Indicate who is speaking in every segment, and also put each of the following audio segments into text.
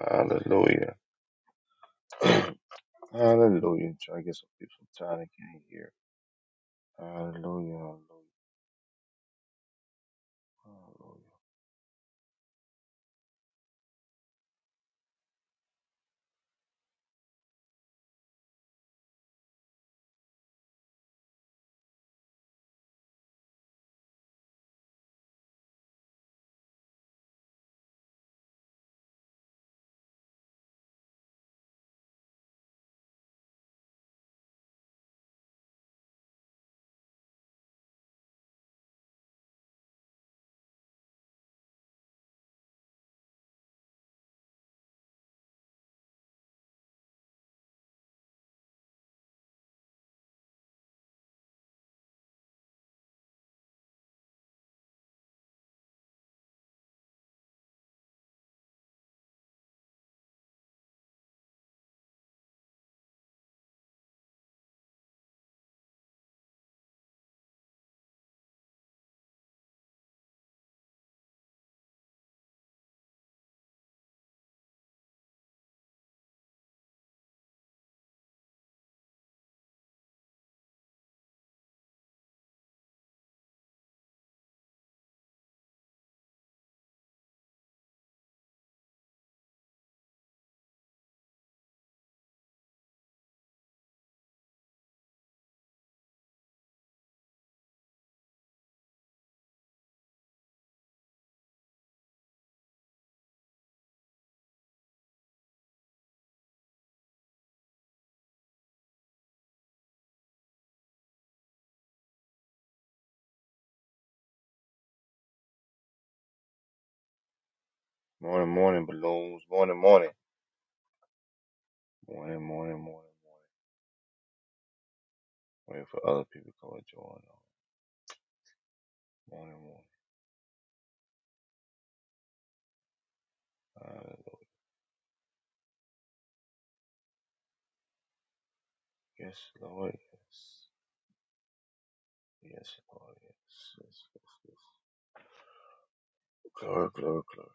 Speaker 1: Hallelujah. Hallelujah. Try to get some people some time. I can't hear. Hallelujah. Hallelujah. Hallelujah. Morning, morning, balloons. Morning, morning. Morning, morning, morning, morning. Waiting for other people to come join. us. Morning, morning. Uh, yes, Lord. Yes. Yes, Lord. Yes. Yes, yes, yes. Glory, glory, glory.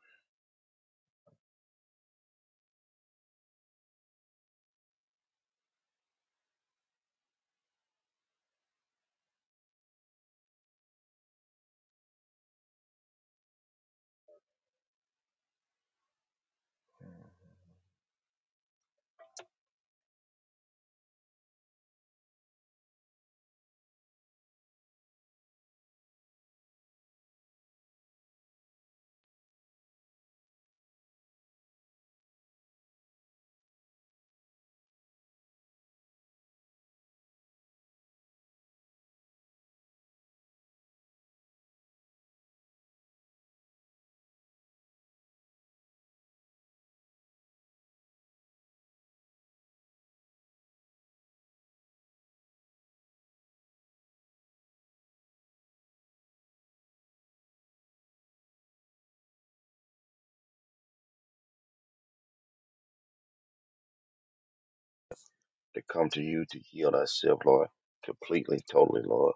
Speaker 1: To come to you to heal ourselves, Lord. Completely, totally, Lord.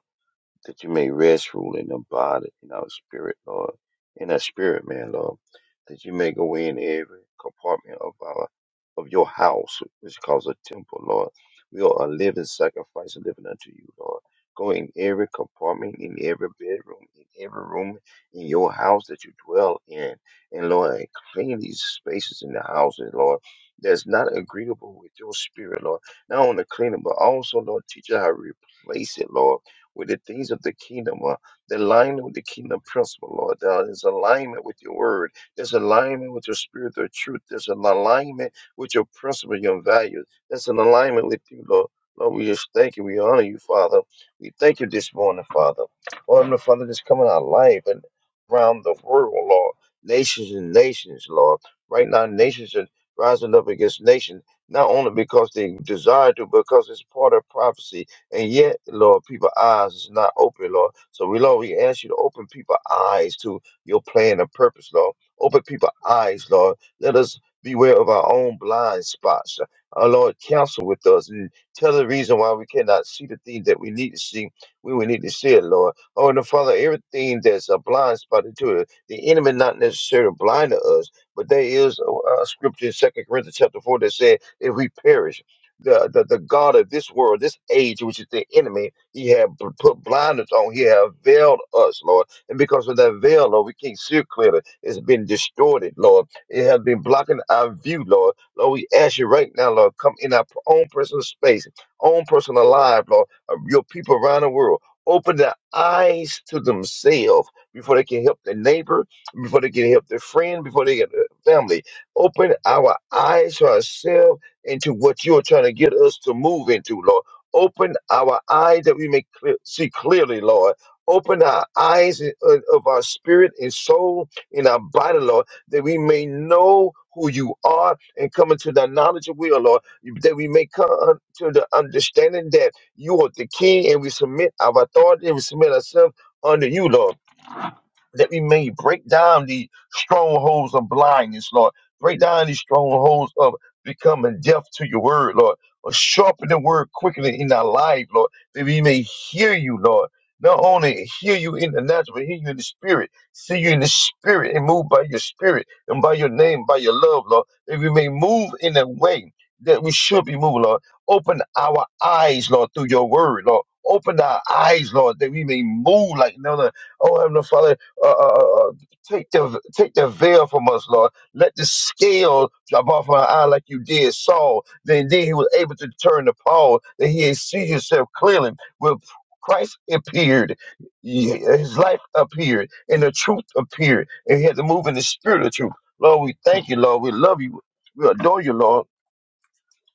Speaker 1: that you may rest, rule in the body, in our spirit, Lord, in our spirit, man, Lord, that you may go in every compartment of our of your house, which is called a temple, Lord. We are a living sacrifice, living unto you, Lord. Go in every compartment, in every bedroom, in every room in your house that you dwell in, and Lord, and clean these spaces in the houses, Lord. That's not agreeable with your spirit, Lord. Not only clean it, but also, Lord, teach us how to replace it, Lord with the things of the kingdom, uh, the alignment with the kingdom principle, Lord. Uh, there's alignment with your word. There's alignment with your spirit of truth. There's an alignment with your principle, your values. There's an alignment with you, Lord. Lord, we just thank you. We honor you, Father. We thank you this morning, Father. Lord, Heavenly Father, just come in our life and around the world, Lord. Nations and nations, Lord. Right now, nations are rising up against nations, not only because they desire to, because it's part of prophecy and yet, Lord, people's eyes is not open, Lord. So we, Lord, we ask you to open people's eyes to your plan and purpose, Lord. Open people's eyes, Lord. Let us beware of our own blind spots. Our Lord, counsel with us and tell the reason why we cannot see the things that we need to see. We will need to see it, Lord. Oh, and Father, everything that's a blind spot into it, the enemy not necessarily blind to us, but there is a, a scripture in Second Corinthians chapter 4 that said, if we perish, the, the, the God of this world, this age, which is the enemy, he have p- put blinders on, he have veiled us, Lord. And because of that veil, Lord, we can't see clearly. It's been distorted, Lord. It has been blocking our view, Lord. Lord, we ask you right now, Lord, come in our own personal space, own personal life, Lord, of your people around the world. Open their eyes to themselves before they can help their neighbor, before they can help their friend, before they get their family. Open our eyes to ourselves into what you're trying to get us to move into, Lord. Open our eyes that we may clear, see clearly, Lord. Open our eyes i- of of our spirit and soul and our body, Lord, that we may know who you are and come into the knowledge of will, Lord, that we may come to the understanding that you are the king and we submit our authority and we submit ourselves under you, Lord that we may break down the strongholds of blindness, Lord. Break down these strongholds of becoming deaf to your word, Lord. Or sharpen the word quickly in our life, Lord, that we may hear you, Lord. Not only hear you in the natural, but hear you in the spirit. See you in the spirit and move by your spirit and by your name, by your love, Lord. That we may move in a way that we should be moving, Lord. Open our eyes, Lord, through your word, Lord. Open our eyes, Lord, that we may move like no other. Oh, Heavenly Father, uh, uh, uh, uh, take the take the veil from us, Lord. Let the scale drop off our eye like you did Saul. Then, then he was able to turn to Paul, that he had seen himself clearly. When Christ appeared, y- his life appeared, and the truth appeared, and he had to move in the spirit of truth. Lord, we thank you, Lord. We love you. We adore you, Lord.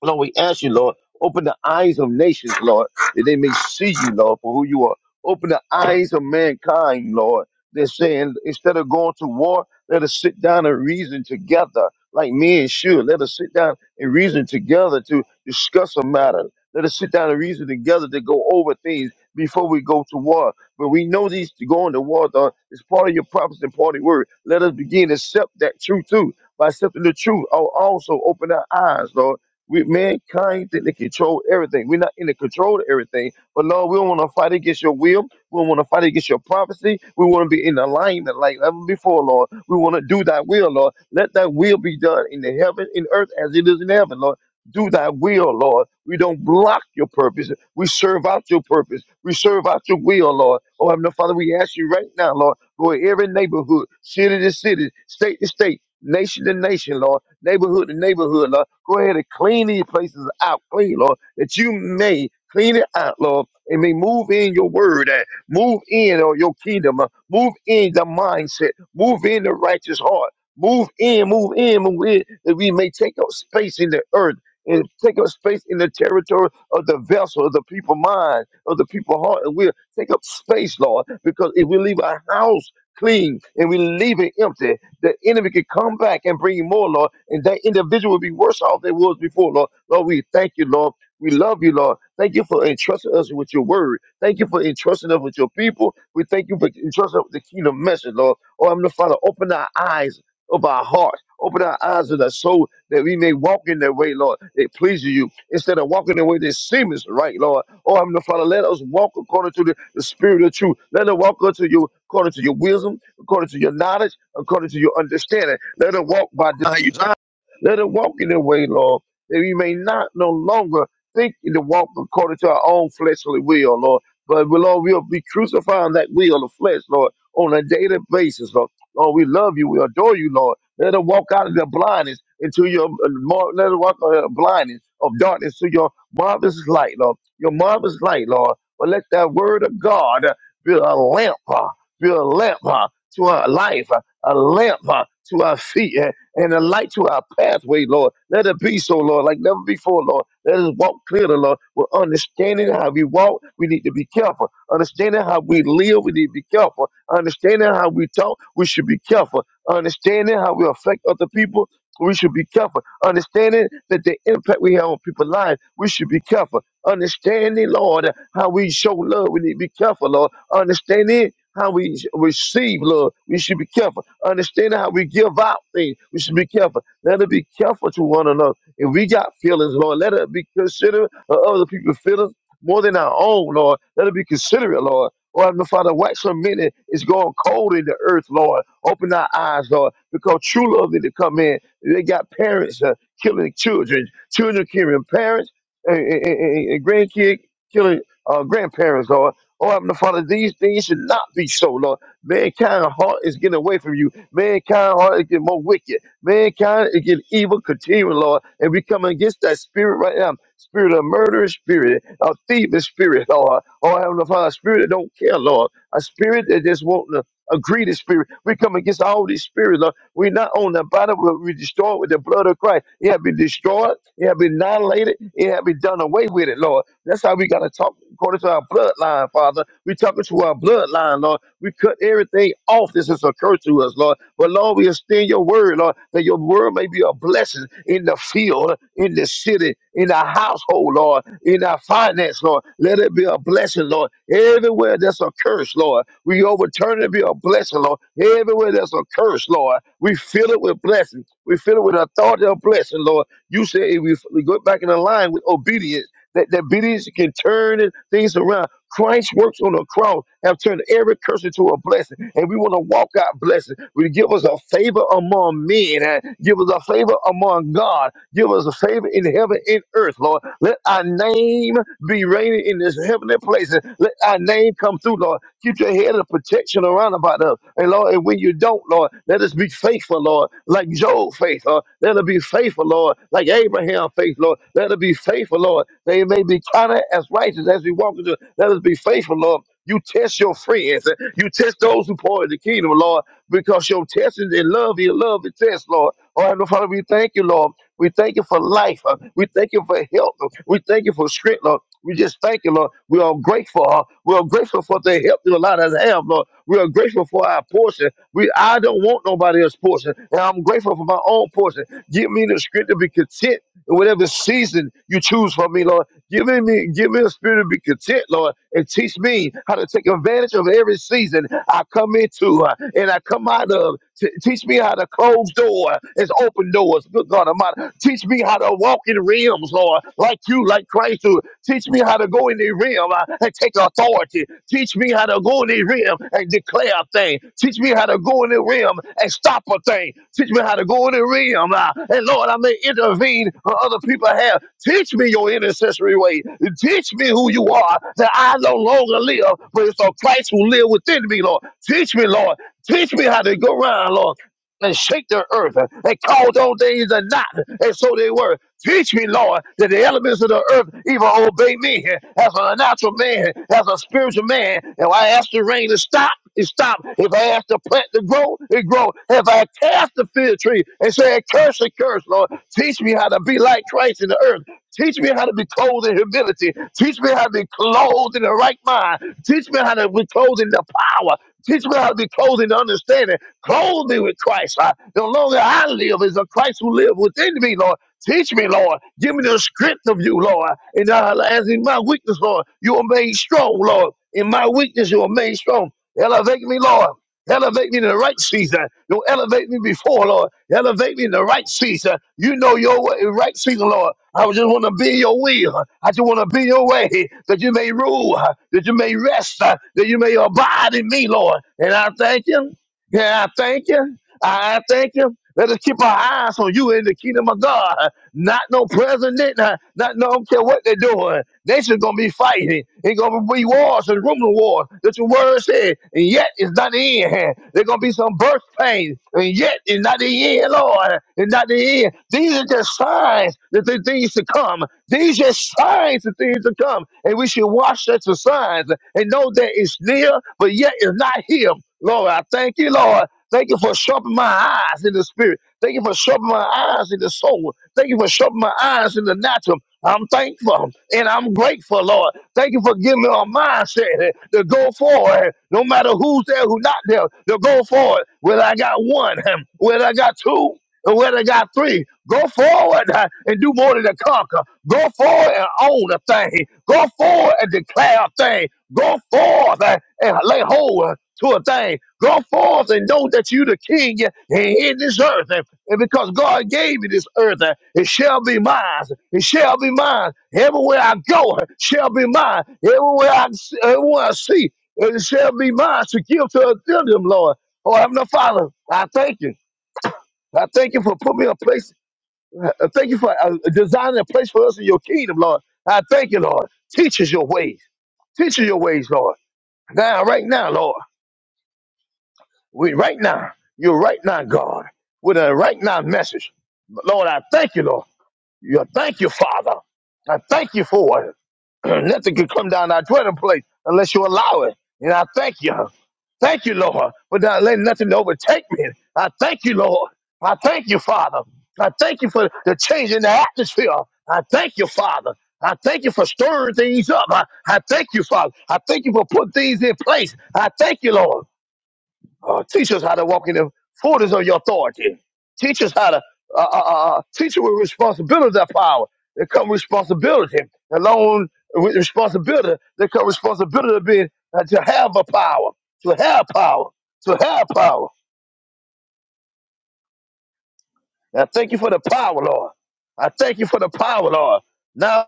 Speaker 1: Lord, we ask you, Lord, open the eyes of nations, Lord, that they may see you, Lord, for who you are. Open the eyes of mankind, Lord. They're saying instead of going to war, let us sit down and reason together like men should. Let us sit down and reason together to discuss a matter. Let us sit down and reason together to go over things before we go to war. But we know these going to war though, is part of your prophets and part of your word. Let us begin to accept that truth too. By accepting the truth, I'll also open our eyes, Lord we mankind think they control everything. We're not in the control of everything. But Lord, we don't want to fight against your will. We don't want to fight against your prophecy. We want to be in alignment like ever before, Lord. We want to do thy will, Lord. Let thy will be done in the heaven, and earth as it is in heaven, Lord. Do thy will, Lord. We don't block your purpose. We serve out your purpose. We serve out your will, Lord. Oh, Heavenly Father, we ask you right now, Lord, for every neighborhood, city to city, state to state, nation to nation, Lord neighborhood to neighborhood, Lord. Go ahead and clean these places out, clean, Lord, that you may clean it out, Lord, and may move in your word, uh, move in on your kingdom, uh, move in the mindset, move in the righteous heart, move in, move in, move in, that we may take up space in the earth. And take up space in the territory of the vessel, of the people mind, of the people heart. And we'll take up space, Lord, because if we leave our house clean and we leave it empty the enemy could come back and bring you more, Lord, and that individual will be worse off than it was before, Lord. Lord, we thank you, Lord. We love you, Lord. Thank you for entrusting us with your word. Thank you for entrusting us with your people. We thank you for entrusting us with the kingdom message, Lord. Oh, I'm the Father, open our eyes of our hearts. Open our eyes of our soul that we may walk in that way, Lord, that pleases you, instead of walking the way that seems right, Lord. Oh, Heavenly Father, let us walk according to the, the spirit of truth. Let us walk unto you according to your wisdom, according to your knowledge according to your understanding. Let us walk by denying desire. Let us walk in the way, Lord, that we may not no longer think in the walk according to our own fleshly will, Lord. But we, Lord, we'll be crucifying that will of flesh, Lord, on a daily basis, Lord. Lord, we love you. We adore you, Lord. Let us walk out of the blindness into your uh, mar- let us walk out of the blindness of darkness to your marvelous light, Lord. Your marvelous light, Lord. But let that word of God uh, be a lamp, uh, be a lamp uh, to our life. uh, a lamp uh, to our feet and, and a light to our pathway, Lord. Let it be so, Lord, like never before, Lord. Let us walk clearly, Lord. We're understanding how we walk, we need to be careful. Understanding how we live, we need to be careful. Understanding how we talk, we should be careful. Understanding how we affect other people, we should be careful. Understanding that the impact we have on people's lives, we should be careful. Understanding, Lord, how we show love, we need to be careful, Lord. Understanding how we receive love. We should be careful. Understanding how we give out things. We should be careful. Let us be careful to one another. If we got feelings, Lord, let us be considerate of other people's feelings more than our own, Lord. Let us be considerate, Lord. Oh, Heavenly Father, wax so many is going cold in the earth, Lord. Open our eyes, Lord, because true love need to come in. They got parents uh, killing children, children killing parents, and, and, and, and grandkids killing uh, grandparents, Lord. Oh, Heavenly Father, these things should not be so, Lord. Mankind heart is getting away from you. Mankind heart is getting more wicked. Mankind is getting evil continuing, Lord. And we come against that spirit right now. Spirit of murder, spirit of thieving spirit, Lord. Oh, Heavenly Father, spirit that don't care, Lord. A spirit that just won't uh, agree to spirit. We come against all these spirits, Lord. We not own the body, but we destroy it with the blood of Christ. It had been destroyed, it had been annihilated, it had been done away with it, Lord. That's how we gotta talk according to our bloodline, Father. We talking to our bloodline, Lord. We cut everything off. This has occurred to us, Lord. But Lord, we extend your word, Lord, that your word may be a blessing in the field, in the city, in the household, Lord in our finance, Lord. Let it be a blessing, Lord. Everywhere there's a curse, Lord, we overturn it and be a blessing, Lord. Everywhere there's a curse, Lord, we fill it with blessing. We fill it with authority of blessing, Lord. You say if we, we go back in the line with obedience, that, that obedience can turn things around. Christ's works on the cross have turned every curse into a blessing, and we want to walk out blessed. We give us a favor among men, and give us a favor among God, give us a favor in heaven and earth, Lord. Let our name be reigning in this heavenly place. Let our name come through, Lord. Keep your head head of protection around about us. And Lord, and when you don't, Lord, let us be faithful, Lord, like Job faith, Lord. Let us be faithful, Lord, like Abraham faith, Lord. Let us be faithful, Lord. They may be counted as righteous as we walk into. it. Let us be faithful, Lord. You test your friends. eh? You test those who pour in the kingdom, Lord, because your testing in love, your love is test, Lord. Oh, Heavenly Father, we thank you, Lord. We thank you for life. uh, We thank you for health. uh, We thank you for strength, Lord. We just thank you, Lord. We are grateful. uh, We are grateful for the help you allowed us to have, Lord. We are grateful for our portion. We I don't want nobody else's portion. And I'm grateful for my own portion. Give me the strength to be content whatever season you choose for me, Lord. Give me, give me a spirit to be content, Lord, and teach me how to take advantage of every season I come into uh, and I come out of. T- teach me how to close door and open doors. Good God Almighty, teach me how to walk in realms, Lord, like you, like Christ. Do. Teach me how to go in the realm. uh, I take authority. Teach me how to go in the rim and declare a thing. Teach me how to go in the rim and stop a thing. Teach me how to go in the rim. uh, and Lord, I may intervene on other people have. Teach me your intercessory way. Teach me who you are, that I no longer live, but it's a Christ who live within me, Lord. Teach me, Lord. Teach me how to go around, Lord and shake the earth uh, and call those things are not and so they were. Teach me, Lord, that the elements of the earth even obey me uh, as a natural man, as a spiritual man. If I ask the rain to stop, it stop. If I ask the plant to grow, it grow. If I cast the fig tree and say, curse and curse, Lord, teach me how to be like Christ in the earth. Teach me how to be clothed in humility. Teach me how to be clothed in the right mind. Teach me how to be clothed in the power. Teach me how to be clothed in the understanding. Clothe me with Christ. I, the longer I live is a Christ who lives within me, Lord. Teach me, Lord. Give me the strength of you, Lord. And uh, as in my weakness, Lord, you are made strong, Lord. In my weakness, you are made strong. Elevate me, Lord. Elevate me in the right season. You'll elevate me before, Lord. Elevate me in the right season. You know your way, right season, Lord. I just want to be in your will. I just want to be in your way that you may rule, that you may rest, that you may abide in me, Lord. And I thank you. Yeah, I thank you. I I thank you. Let us keep our eyes on you in the kingdom of God. Not no president, not, not no, I don't care what they're doing. Nation's gonna be fighting. It's gonna be wars and rumor wars. That's your word said. And yet it's not the end. There's gonna be some birth pains. And yet it's not the end, Lord. It's not the end. These are just signs that the things to come. These are signs of things to come. And we should watch such the signs and know that it's near, but yet it's not here. Lord, I thank you, Lord. Thank you for sharpening my eyes in the spirit. Thank you for shoving my eyes in the soul. Thank you for shoving my eyes in the natural. I'm thankful and I'm grateful, Lord. Thank you for giving me a mindset to go forward, no matter who's there, who's not there, to go forward. Whether I got one, whether I got two, or whether I got three, go forward uh, and do more than to conquer. Go forward and own a thing. Go forward and declare a thing. Go forth uh, and lay hold to a thing. Go forth and know that you the king in this earth. And, and because God gave you this earth, uh, it shall be mine. It shall be mine. Everywhere I go, it shall be mine. Everywhere I, everywhere I see, it shall be mine to give to them, Lord. Oh, Heavenly Father, I thank you. I thank you for putting me in a place. I thank you for uh, designing a place for us in your kingdom, Lord. I thank you, Lord. Teach us your ways. Teach us your ways, Lord. Now, right now, Lord. We, right now, you're right now, God, with a right now message. Lord, I thank you, Lord. You thank you, Father. I thank you for it. Nothing can come down our dwelling place unless you allow it. And I thank you. Thank you, Lord, for not letting nothing overtake me. I thank you, Lord. I thank you, Father. I thank you for the change in the atmosphere. I thank you, Father. I thank you for stirring things up. I, I thank you, Father. I thank you for putting things in place. I thank you, Lord. Uh, teach us how to walk in the fullness of your authority. Teach us how to uh, uh, uh, uh, teach us with responsibility that power. There come responsibility. Along with responsibility, there come responsibility to be uh, to have a power, to have power, to have power. And I thank you for the power, Lord. I thank you for the power, Lord. Now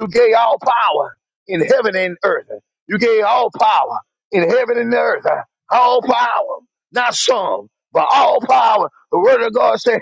Speaker 1: You gave all power in heaven and earth. You gave all power in heaven and earth. All power, not some, but all power. The word of God said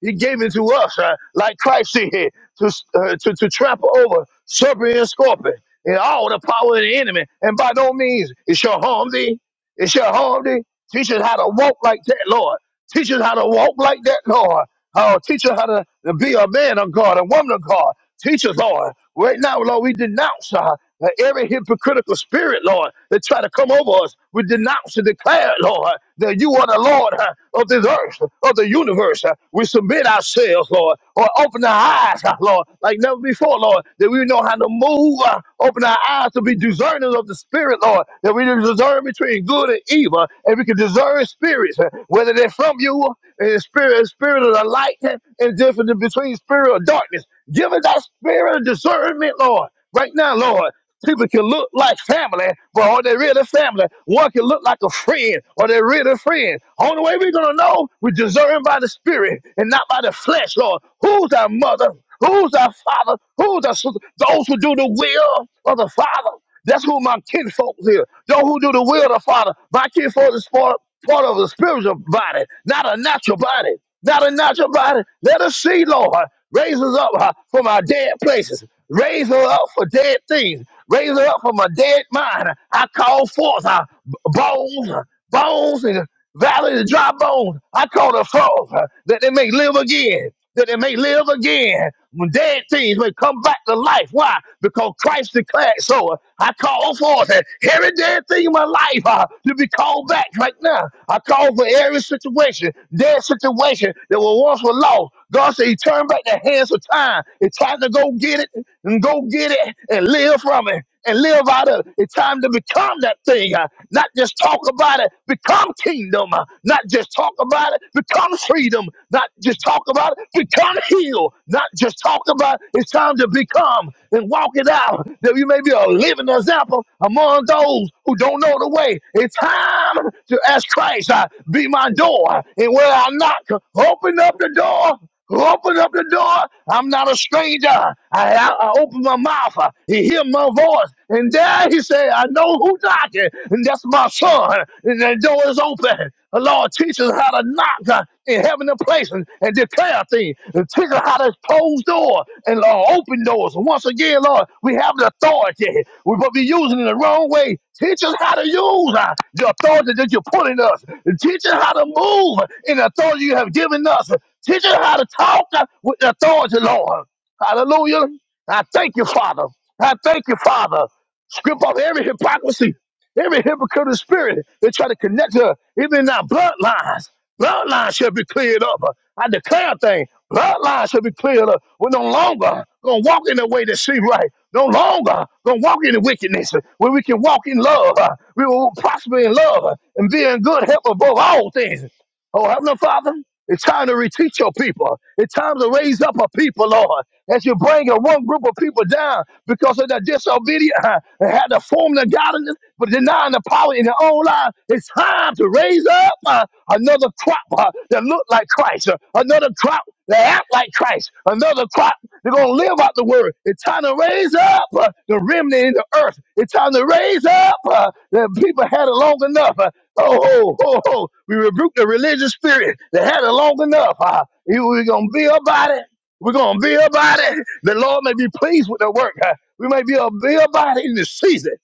Speaker 1: He gave it to us, uh, like Christ did, to, uh, to to trample over serpent and scorpion and all the power of the enemy. And by no means it shall harm thee. It shall harm thee. Teach us how to walk like that, Lord. Teach us how to walk like that, Lord. Oh, teach us how to to be a man of God, a woman of God. Teach us, Lord. Right now, Lord, we denounce uh, every hypocritical spirit, Lord, that try to come over us. We denounce and declare, Lord, that you are the Lord uh, of this earth, of the universe. uh. We submit ourselves, Lord, or open our eyes, uh, Lord, like never before, Lord, that we know how to move. uh, Open our eyes to be discerning of the spirit, Lord, that we we can discern between good and evil, and we can discern spirits, uh, whether they're from you and spirit, spirit of the light, uh, and different between spirit of darkness. Give us that spirit of discernment, Lord, right now, Lord. People can look like family, but are they really family? One can look like a friend, are they really friend? Only way we're gonna know, we discern by the spirit and not by the flesh, Lord. Who's our mother? Who's our father? Who's our sister? Those who do the will of the Father. That's who my kinfolk here. Those who do the will of the Father. My kinfolk is part, part of a spiritual body, not a natural body. Not a natural body. Let us see, Lord. Raise us up uh, from our dead places. Raise us up for dead things. Raise us up from a dead mind. I call forth our b- bones, uh, bones, and Valley of the dry bone, I call the forth uh, that they may live again, that they may live again. When dead things may come back to life. Why? Because Christ declared so. Uh, I call forth uh, every dead thing in my life uh, to be called back right now. I call for every situation, dead situation that was once were lost. God said he turned back the hands of time. It's time to go get it and go get it and live from it and live out of it. It's time to become that thing, uh, not just talk about it, become kingdom, uh, not just talk about it, become freedom, not just talk about it, become healed, not just talk about it. It's time to become and walk it out that you may be a living example among those who don't know the way. It's time to ask Christ, uh, be my door, and where I knock, open up the door Open up the door. I'm not a stranger. I, I, I open my mouth. uh, He hear my voice. And there he said, I know who knocked it. And that's my son. And the door is open. The Lord teaches how to knock uh, in heavenly places and declare things. And teach us how to close doors and uh, open doors. And once again, Lord, we have the authority. We're be using it the wrong way. Teach us how to use uh, the authority that you're putting us. Teach us how to move in the authority you have given us. Teach us how to talk uh, with authority, Lord. Hallelujah. I thank you, Father. I thank you, Father. Strip off every hypocrisy, every hypocritical spirit that try to connect to us, even in our bloodlines. Bloodlines shall be cleared up. I declare a thing. Bloodlines shall be cleared up. We're no longer gonna walk in the way that seems right. No longer gonna walk in the wickedness. Where we can walk in love, uh, we will prosper in love uh, and be in good health above all things. Oh, Heavenly Father, it's time to reteach your people. It's time to raise up a people, Lord, as you bring a one group of people down because of their disobedience uh, and had to form the godliness, but denying the power in their own life. It's time to raise up uh, another crop uh, that look like Christ, uh, another crop that act like Christ, another crop they're going to live out the word. It's time to raise up uh, the remnant in the earth. It's time to raise up uh, the people had it long enough. Uh, oh, oh, oh, oh. We rebuke the religious spirit that had it long enough. Uh, you- we're going to be about it. We're going to be about it. The Lord may be pleased with the work. Uh, we may be a be about it in this season.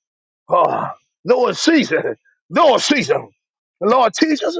Speaker 1: Oh, Lord, season. Lord, season. Lord, teach us.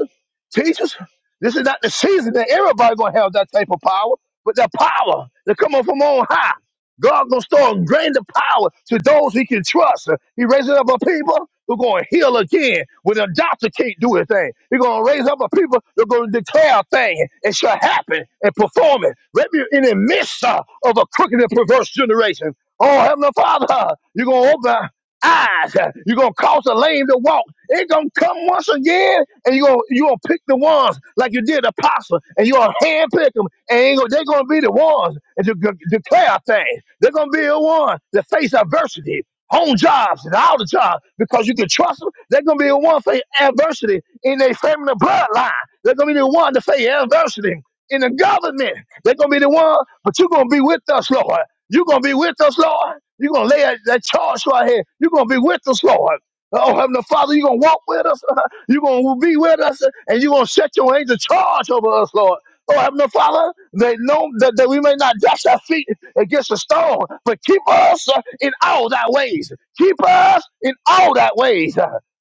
Speaker 1: Teach us. This is not the season that everybody going to have that type of power, but the power that come up from on high. God going to start draining the power to those he can trust. He raises up a people who going to heal again when a doctor can't do a thing. He going to raise up a people that going to declare a thing. It shall happen and perform it. Let me in the midst uh, of a crooked and perverse generation. Oh, Heavenly Father, you're going to open eyes. You're gonna cause the lame to walk. It's gonna come once again, and you're gonna you gonna pick the ones like you did the apostle, and you're gonna hand pick them, and ain't gonna- they're gonna be the ones that you de- declare things. They're gonna be the ones that face adversity. home jobs and all the jobs because you can trust them. They're gonna be the one face adversity in their family bloodline. They're gonna be the one to face adversity in the government. They're gonna be the one, but you're gonna be with us, Lord. You're gonna be with us, Lord. You're going to lay that, charge right here. You're going to be with us, Lord. Oh, Heavenly Father, you're going to walk with us. You're going to be with us, and you're going to set your angel charge over us, Lord. Oh, Heavenly Father, they know that, that we may not dash our feet against a stone, but keep us uh, in all thy ways. Keep us in all thy ways.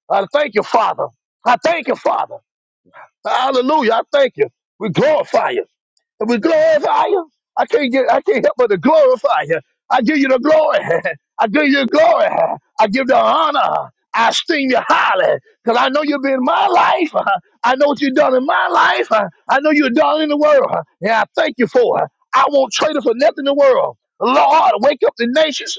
Speaker 1: I thank you, Father. I thank you, Father. Hallelujah. I thank you. We glorify you. And we glorify you. I can't get, I can't help but to glorify you. I give you the glory. I give you the glory. I give the honor. I esteem you highly because I know you've been in my life. I know what you've done in my life. I know you've done in the world. And I thank you for it. I won't trade it for nothing in the world. Lord, wake up the nations.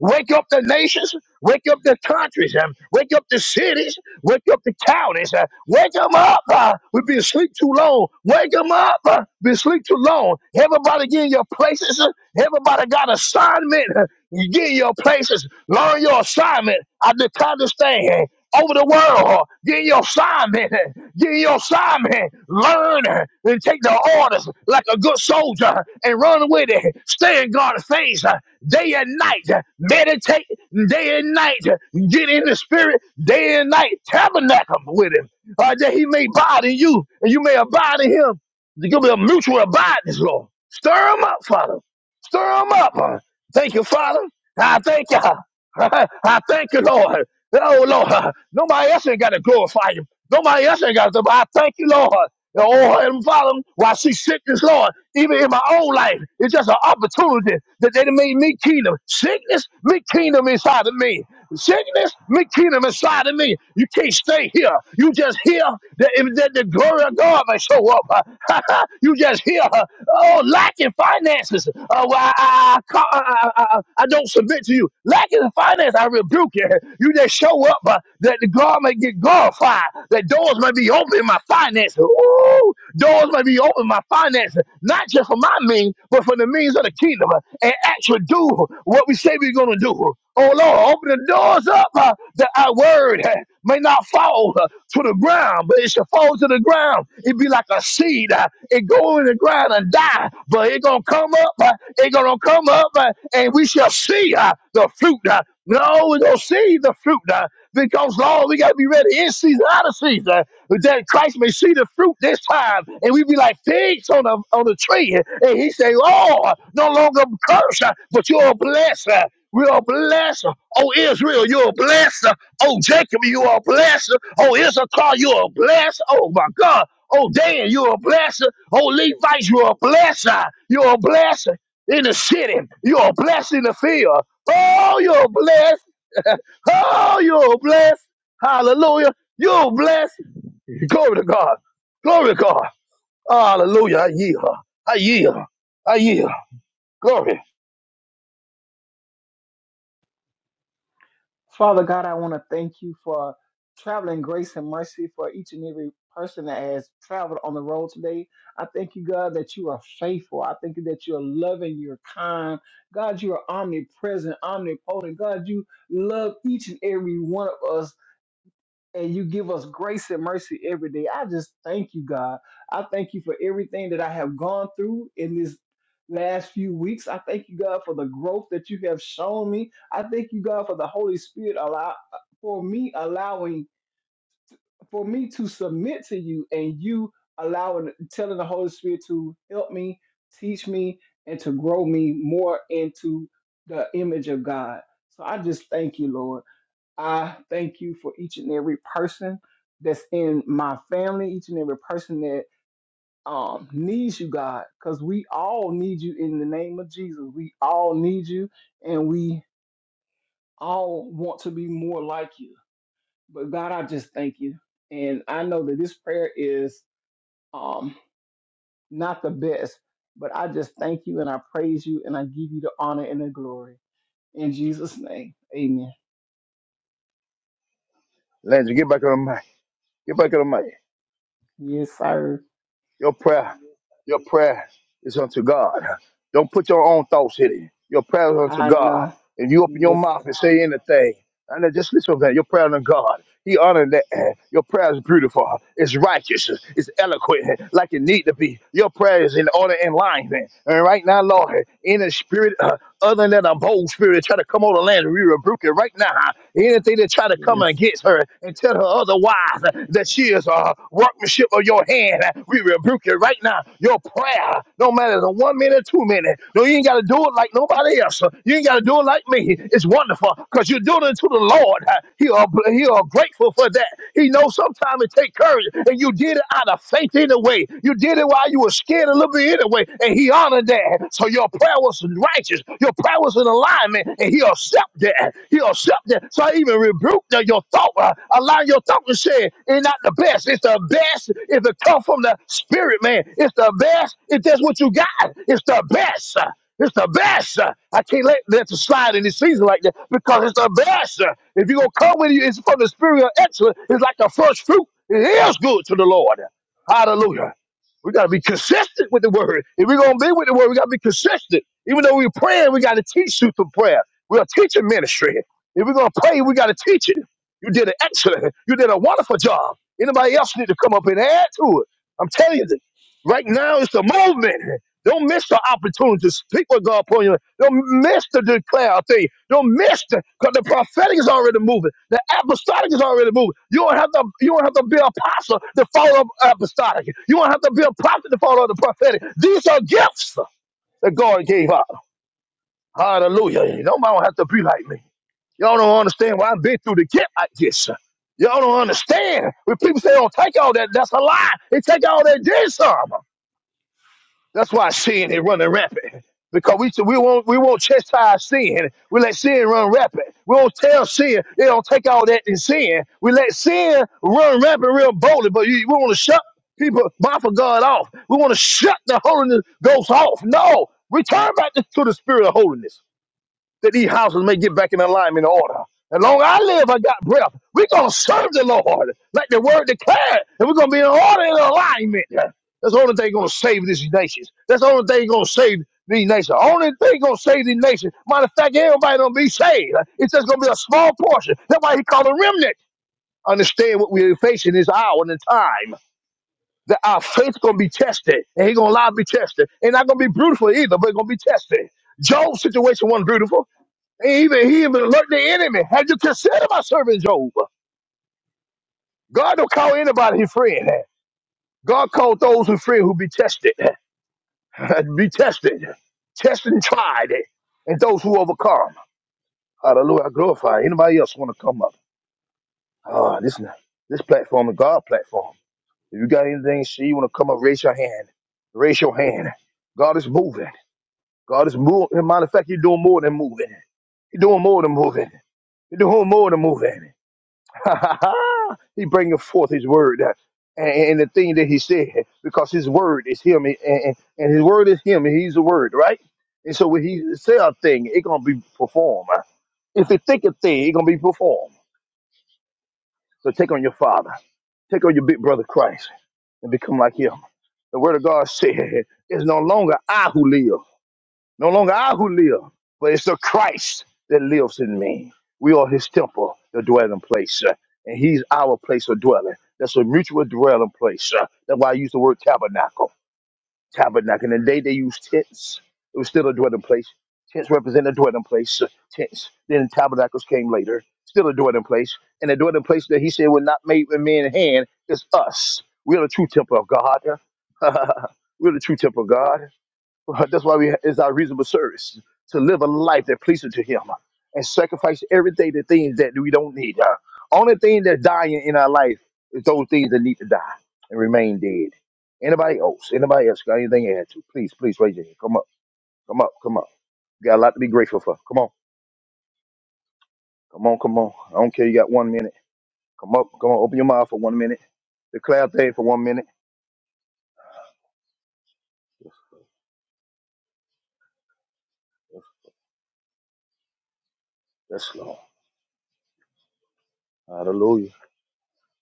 Speaker 1: Wake up the nations, wake up the countries, um, wake up the cities, wake up the counties. Uh, wake them up. Uh, we've been asleep too long. Wake them up. Uh, been asleep too long. Everybody get in your places. uh, everybody got assignment. Uh, you get in your places. Learn your assignment. I declare this thing over the world. Get your assignment. Get your assignment. Learn and take the orders like a good soldier and run with it. Stay in God's face day and night. Meditate day and night. Get in the spirit day and night. Tabernacle with him. Uh, that he may abide in you and you may abide in him. There's going to be a mutual abidance, Lord. Stir him up, Father. Stir him up. Thank you, Father. I thank you. I thank you, Lord. Oh Lord, nobody else ain't got to glorify you. Nobody else ain't got to. But I thank you, Lord. The old hurt and follow while she sickness, Lord. Even in my own life, it's just an opportunity that they done made me kingdom. Sickness, me kingdom inside of me. Sickness, me kingdom inside of me. You can't stay here. You just hear that, if- that the glory of God may show up. Uh, you just here. Oh, lacking finances. Uh, well, I, I, I, ca- I, I, I I don't submit to you. Lacking finance, I rebuke you. You just show up uh, that the God. God may get glorified. That doors may be open in my finances. Ooh, doors may be open in my finances, not just for my means, but for the means of the kingdom, uh, and actually do what we say we're going to do. Oh Lord, open the doors up uh, that our word uh, may not fall uh, to the ground, but it should fall to the ground. It be like a seed. uh, it go in the ground and die, but it gonna come up. Uh, it gonna come up, uh, and we shall see uh, the fruit. Uh, no, we gonna see the fruit. Uh, because, Lord, we got to be ready in season, out of season, that Christ may see the fruit this time. And we be like figs on a, on a tree. And he say, Lord, no longer curse, uh, but you're a blesser. We are blessed. Oh, Israel, you're a blessed. Oh, Jacob, you are a blessed. Oh, Issachar, you're a blessed. Oh, my God. Oh, Dan, you're a blessing. Oh, Levites, you're a blessing. You're a blessing in the city. You're a blessing in the field. Oh, you're blessed. Oh, you're blessed. Hallelujah. You're blessed. Glory to God. Glory to God. Hallelujah. I yield. I yield. I yield. Glory.
Speaker 2: Father God, I want to thank you for traveling grace and mercy for each and every person that has traveled on the road today. I thank you, God, that you are faithful. I thank you that you are loving, you're kind. God, you are omnipresent, omnipotent. God, you love each and every one of us and you give us grace and mercy every day. I just thank you, God. I thank you for everything that I have gone through in this last few weeks. I thank you, God, for the growth that you have shown me. I thank you, God, for the Holy Spirit allow for me allowing for me to submit to you and you allowing telling the Holy Spirit to help me, teach me, and to grow me more into the image of God. So I just thank you, Lord. I thank you for each and every person that's in my family, each and every person that um, needs you, God, because we all need you in the name of Jesus. We all need you, and we all want to be more like you. But God, I just thank you, and I know that this prayer is um, not the best, but I just thank you and I praise you and I give you the honor and the glory in Jesus' name. Amen.
Speaker 1: Landry, get back on the mic. Get back on the mic.
Speaker 2: Yes, sir.
Speaker 1: Your prayer, your prayer is unto God. Don't put your own thoughts in it. Your prayer is unto
Speaker 2: I
Speaker 1: God.
Speaker 2: know.
Speaker 1: If you open your
Speaker 2: Yes, sir.
Speaker 1: mouth and say anything, and then just listen to that. Your prayer is unto God. He honored that eh, your prayer is beautiful, it's righteous, it's eloquent, eh, like it need to be. Your prayer is in order and line, man. And right now, Lord, in a spirit uh, other than a bold spirit try to come on the land, we rebuke it right now. eh. Anything that try to come
Speaker 2: yes.
Speaker 1: against her and tell her otherwise uh, that she is a workmanship of your hand, uh, we rebuke it right now. Your prayer prayer. No matter the one minute, two minute. No, you ain't got to do it like nobody else. You ain't got to do it like me. It's wonderful because you're doing it to the Lord. He are, he are grateful for that. He knows sometimes it takes courage, and you did it out of faith anyway. You did it while you were scared a little bit anyway, and He honored that. So your prayer was righteous. Your prayer was in alignment, and He accepted that. He'll accept that. So I even rebuke the, your thought, uh, allowing your thought to say it's not the best. It's the best if it come from the spirit, man. It's the best if that's what you got. It's the best. uh, It's the best. uh. I can't let that to slide in this season like that because it's the best. uh. If you're going to come with you, it's from the spirit of excellence. It's like the first fruit. It is good to the Lord. Hallelujah. We got to be consistent with the word. If we're going to be with the word, we got to be consistent. Even though we're praying, we got to teach you through prayer. We're a teaching ministry. If we're gonna pray, we gotta teach it. You did an excellent, you did a wonderful job. Anybody else need to come up and add to it? I'm telling you, right now it's the movement. Don't miss the opportunity to speak with God upon you. Don't miss to declare a thing. Don't miss the because the prophetic is already moving. The apostolic is already moving. You don't have to you don't have to be an apostle to follow up apostolic. You don't have to be a prophet to follow up the prophetic. These are gifts that God gave us. Hallelujah. Nobody don't have to be like me. Y'all don't understand why I've been through the get like this. Y'all don't understand. When people say don't take all that, that's a lie. They take all that dead some. That's why sin is running rampant. Because we we won't we won't chastise sin. We let sin run rampant. We won't tell sin they don't take all that in sin. We let sin run rampant real boldly, but you, we want to shut people mouth of God off. We want to shut the holiness ghost off. No, return back to the spirit of holiness that these houses may get back in alignment and order. As long as I live, I got breath. We're going to serve the Lord like the word declared, and we're going to be in order and alignment. That's the only thing going to save these nations. That's the only thing going to save these nations. Only thing going to save these nations. Matter of fact, everybody going to be saved. It's just going to be a small portion. That's why he called a remnant. Understand what we're facing this hour and the time. That our faith's going to be tested, and he's going to allow it to be tested. Ain't not going to be beautiful either, but it's going to be tested. Job's situation wasn't beautiful. He even he even alert the enemy. Had you considered my servant Job? God don't call anybody his friend. God called those who friend who be tested, be tested, tested and tried, and those who overcome. Hallelujah! I glorify. Anybody else want to come up? Ah, this this platform is God platform. If you got anything, see you want to come up, raise your hand. Raise your hand. God is moving. God is moving. Matter of fact, you're doing more than moving. You're doing more than moving. You're doing more than moving. he bringeth forth his word uh, and, and the thing that he said because his word is him and, and and his word is him and he's the word right and so when he say a thing it gonna be performed if he think a thing it gonna be performed so take on your father take on your big brother christ and become like him the word of god said it's no longer i who live No longer I who live, but it's the Christ that lives in me. We are his temple, the dwelling place, uh, and he's our place of dwelling. That's a mutual dwelling place. uh, That's why I use the word tabernacle. Tabernacle. In the day they used tents, it was still a dwelling place. Tents represent a dwelling place. uh, Tents. Then tabernacles came later. Still a dwelling place. And the dwelling place that he said was not made with man hand is us. We are the true temple of God. We're the true temple of God. That's why we it's our reasonable service to live a life that pleases to Him uh, and sacrifice everything the things that we don't need. Uh, only thing that's dying in our life is those things that need to die and remain dead. Anybody else? Anybody else got anything to add to? Please, please raise your hand. Come up, come up, come up. You got a lot to be grateful for. Come on, come on, come on. I don't care. You got one minute. Come up, come on. Open your mouth for one minute. Declare a thing for one minute. That's long. Hallelujah.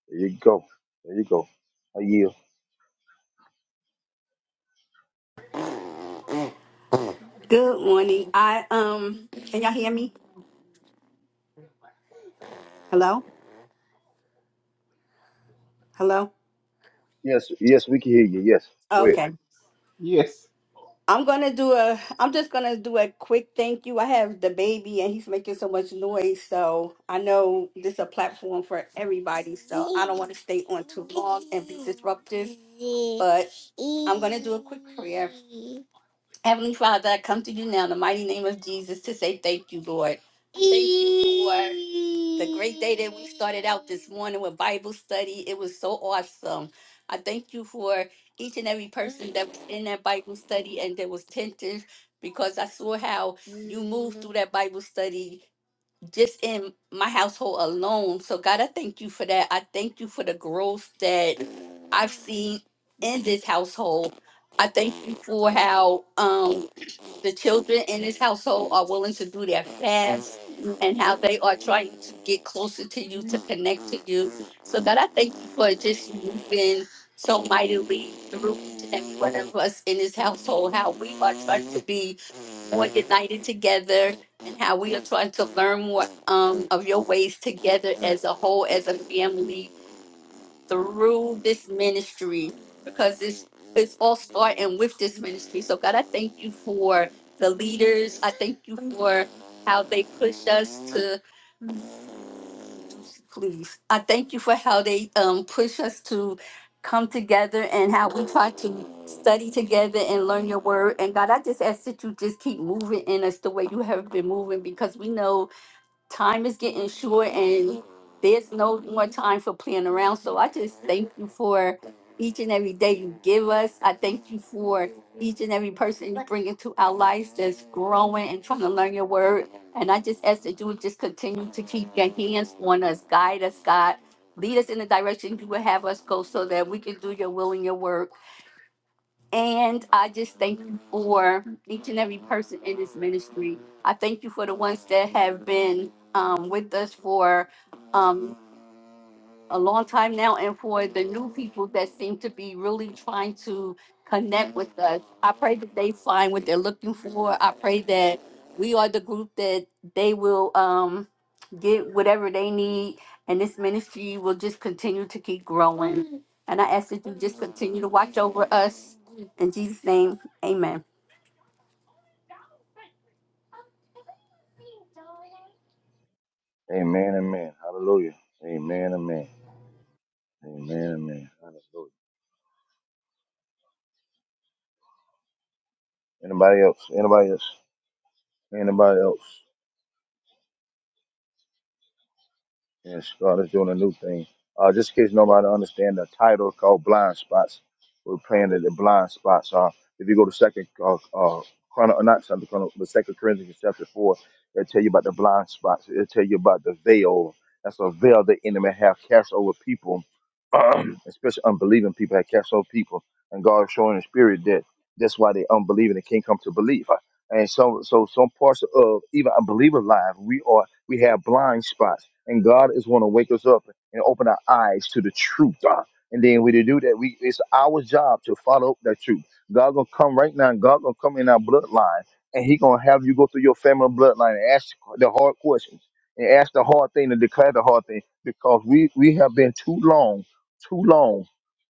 Speaker 1: There you go. There you go. I yield.
Speaker 3: Good morning. I um can y'all hear me? Hello? Hello?
Speaker 1: Yes, yes, we can hear you. Yes. Go ahead.
Speaker 3: Okay.
Speaker 2: Yes.
Speaker 3: I'm gonna do a I'm just gonna do a quick thank you. I have the baby and he's making so much noise, so I know this is a platform for everybody, so I don't want to stay on too long and be disruptive. But I'm gonna do a quick prayer Heavenly Father, I come to you now in the mighty name of Jesus to say thank you, Lord. Thank you for the great day that we started out this morning with Bible study. It was so awesome. I thank you for each and every person that was in that Bible study and that was attentive because I saw how you moved through that Bible study just in my household alone. So, God, I thank you for that. I thank you for the growth that I've seen in this household. I thank you for how. Um, the children in this household are willing to do their fast and how they are trying to get closer to you, to connect to you. So, God, I thank you for just moving so mightily through each and every one of us in this household, how we are trying to be more united together and how we are trying to learn more um, of your ways together as a whole, as a family through this ministry because it's it's all starting with this ministry. So God, I thank you for the leaders. I thank you for how they push us to please. I thank you for how they um push us to come together and how we try to study together and learn your word. And God, I just ask that you just keep moving in us the way you have been moving because we know time is getting short and there's no more time for playing around. So I just thank you for each and every day you give us. I thank you for each and every person you bring into our lives that's growing and trying to learn your word. And I just ask that you would just continue to keep your hands on us, guide us, God. Lead us in the direction you would have us go so that we can do your will and your word and I just thank you for each and every person in this ministry. I thank you for the ones that have been um, with us for um, a long time now. And for the new people that seem to be really trying to connect with us, I pray that they find what they're looking for. I pray that we are the group that they will um, get whatever they need, and this ministry will just continue to keep growing. And I ask that you just continue to watch over us. In Jesus' name, amen.
Speaker 1: Amen, amen. Hallelujah. Amen, amen. Amen, amen. Hallelujah. Anybody else? Anybody else? Anybody else? Yes, God is doing a new thing. Uh, just in case nobody understand the title called Blind Spots, we're praying that the blind spots are. If you go to Second uh, uh, Chrono, not Second Chrono, but Second Corinthians chapter four, it'll tell you about the blind spots. It'll tell you about the veil. That's a veil the enemy have cast over people, especially unbelieving people have cast over people, and God is showing the spirit that that's why they unbelieving. They can't come to believe. Uh, And so, so some parts of even unbelievers' life, we are we have blind spots, and God is going to wake us up and open our eyes to the truth. ah. And then we to do that, we it's our job to follow that truth. God gonna come right now. and God gonna come in our bloodline, and He gonna have you go through your family bloodline and ask the hard questions and ask the hard thing and declare the hard thing because we we have been too long, too long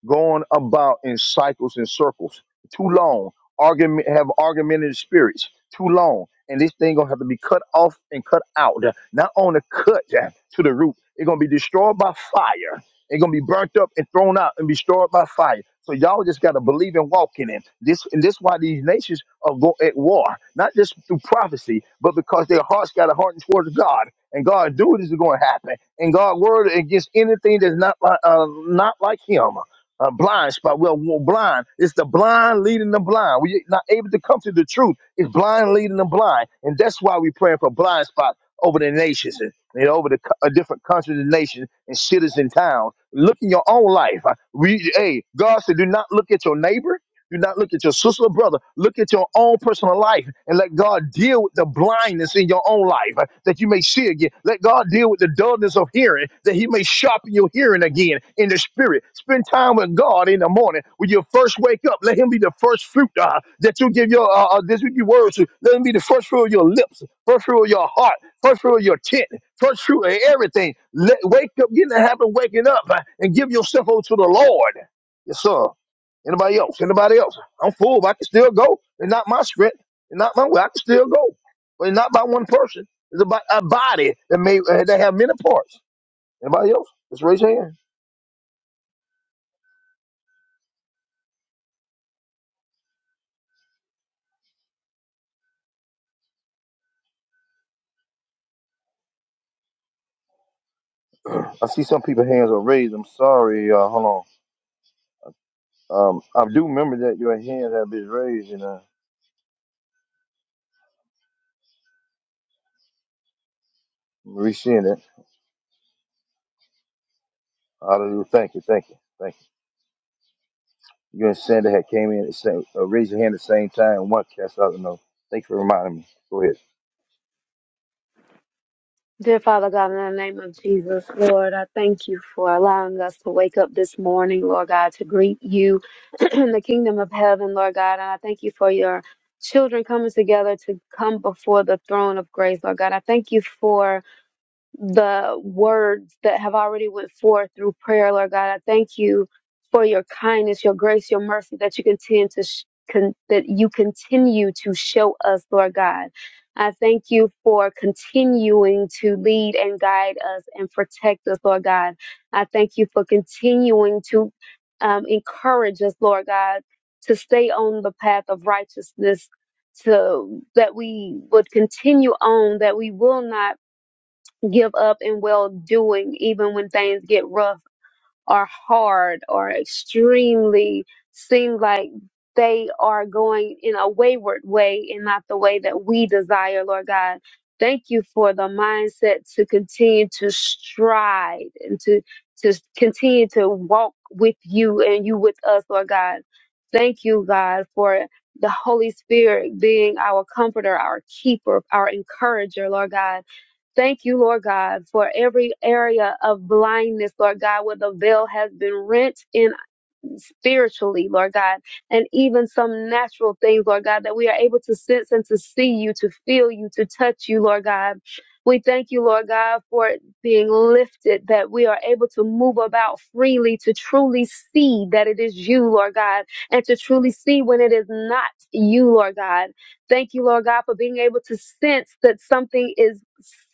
Speaker 1: going about in cycles and circles, too long argument have argumentative spirits too long. And this thing gonna have to be cut off and cut out. Not only cut uh, to the root, it's gonna be destroyed by fire. It's gonna be burnt up and thrown out and be destroyed by fire. So y'all just gotta believe and walk in it. This and this why these nations are go at war, not just through prophecy, but because their hearts got a heart towards God. And God do this is gonna happen. And God word against anything that's not like uh, not like Him a blind spot. Well, we're blind. It's the blind leading the blind. We're not able to come to the truth. It's blind leading the blind, and that's why we're praying for blind spots over the nations and, and over the co- uh, different countries and nations and cities and towns. Look in your own life. Uh, We, hey, God said, do not look at your neighbor. Do not look at your sister or brother. Look at your own personal life and let God deal with the blindness in your own life uh, that you may see again. Let God deal with the dullness of hearing that He may sharpen your hearing again in the spirit. Spend time with God in the morning when you first wake up. Let Him be the first fruit uh, that you give your uh, uh, that you give words to. Let Him be the first fruit of your lips, first fruit of your heart, first fruit of your tent, first fruit of everything. Let wake up, get in the habit of waking up uh, and give yourself over to the Lord. Yes, sir. Anybody else? Anybody else? I'm full, but I can still go. It's not my strength. It's not my way. I can still go. But it's not by one person. It's about a body that may uh, that have many parts. Anybody else? Just raise your hand. I see some people's hands are raised. I'm sorry. Uh, hold on. Um, I do remember that your hands have been raised, and uh, I'm re-seeing it. Hallelujah. Thank you. Thank you. Thank you. You and Sandra had came in at the same, uh, raised your hand at the same time. and One cast out the note. Thanks for reminding me. Go ahead.
Speaker 4: Dear Father God, in the name of Jesus, Lord, I thank you for allowing us to wake up this morning, Lord God, to greet you in the kingdom of heaven, Lord God. And I thank you for your children coming together to come before the throne of grace, Lord God. I thank you for the words that have already went forth through prayer, Lord God. I thank you for your kindness, your grace, your mercy that you continue to sh- con- that you continue to show us, Lord God. I thank you for continuing to lead and guide us and protect us, Lord God. I thank you for continuing to um, encourage us, Lord God, to stay on the path of righteousness, to that we would continue on, that we will not give up in well doing, even when things get rough or hard or extremely seem like they are going in a wayward way and not the way that we desire, Lord God. Thank you for the mindset to continue to stride and to to continue to walk with you and you with us, Lord God. Thank you, God, for the Holy Spirit being our comforter, our keeper, our encourager, Lord God Thank you, Lord God, for every area of blindness, Lord God, where the veil has been rent in spiritually, Lord God, and even some natural things, Lord God, that we are able to sense and to see you, to feel you, to touch you, Lord God. We thank you, Lord God, for it being lifted, that we are able to move about freely, to truly see that it is you, Lord God, and to truly see when it is not you, Lord God. Thank you, Lord God, for being able to sense that something is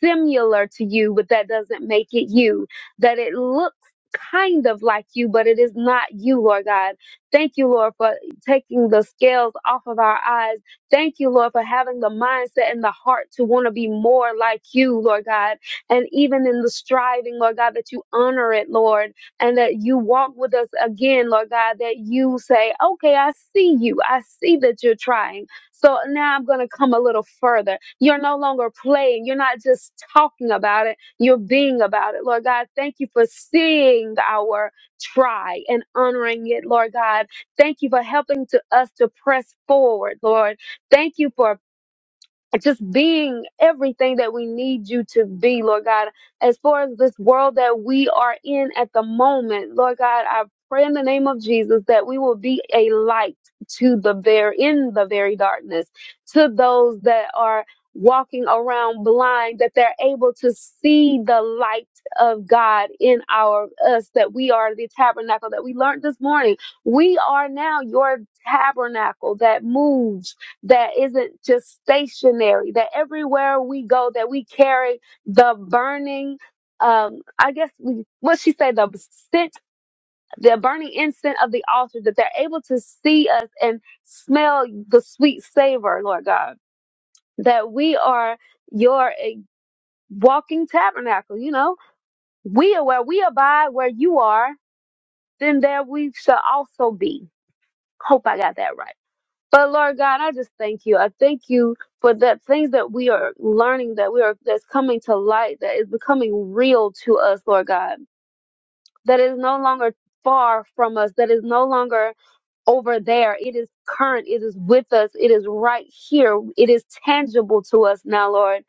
Speaker 4: similar to you, but that doesn't make it you, that it looks kind of like you, but it is not you, Lord God. Thank you, Lord, for taking the scales off of our eyes. Thank you, Lord, for having the mindset and the heart to want to be more like you, Lord God. And even in the striving, Lord God, that you honor it, Lord, and that you walk with us again, Lord God, that you say, okay, I see you. I see that you're trying. So now I'm going to come a little further. You're no longer playing. You're not just talking about it your being about it. Lord God, thank you for seeing our try and honoring it, Lord God. Thank you for helping to us to press forward, Lord. Thank you for just being everything that we need you to be, Lord God. As far as this world that we are in at the moment, Lord God, I pray in the name of Jesus that we will be a light to the very in the very darkness to those that are walking around blind that they're able to see the light of God in our us that we are the tabernacle that we learned this morning we are now your tabernacle that moves that isn't just stationary, that everywhere we go, that we carry the burning, um, I guess we, what she said, the scent, the burning incense of the altar, that they're able to see us and smell the sweet savor, Lord God, that we are your eh, walking tabernacle, you know, we are where we abide, where you are, then there we shall also be. Hope I got that right But Lord God, I just thank you. I thank you for the things that we are learning, that we are that's coming to light, that is becoming real to us, Lord God. That is no longer far from us, that is no longer over there. It is current, it is with us, it is right here, it is tangible to us now, Lord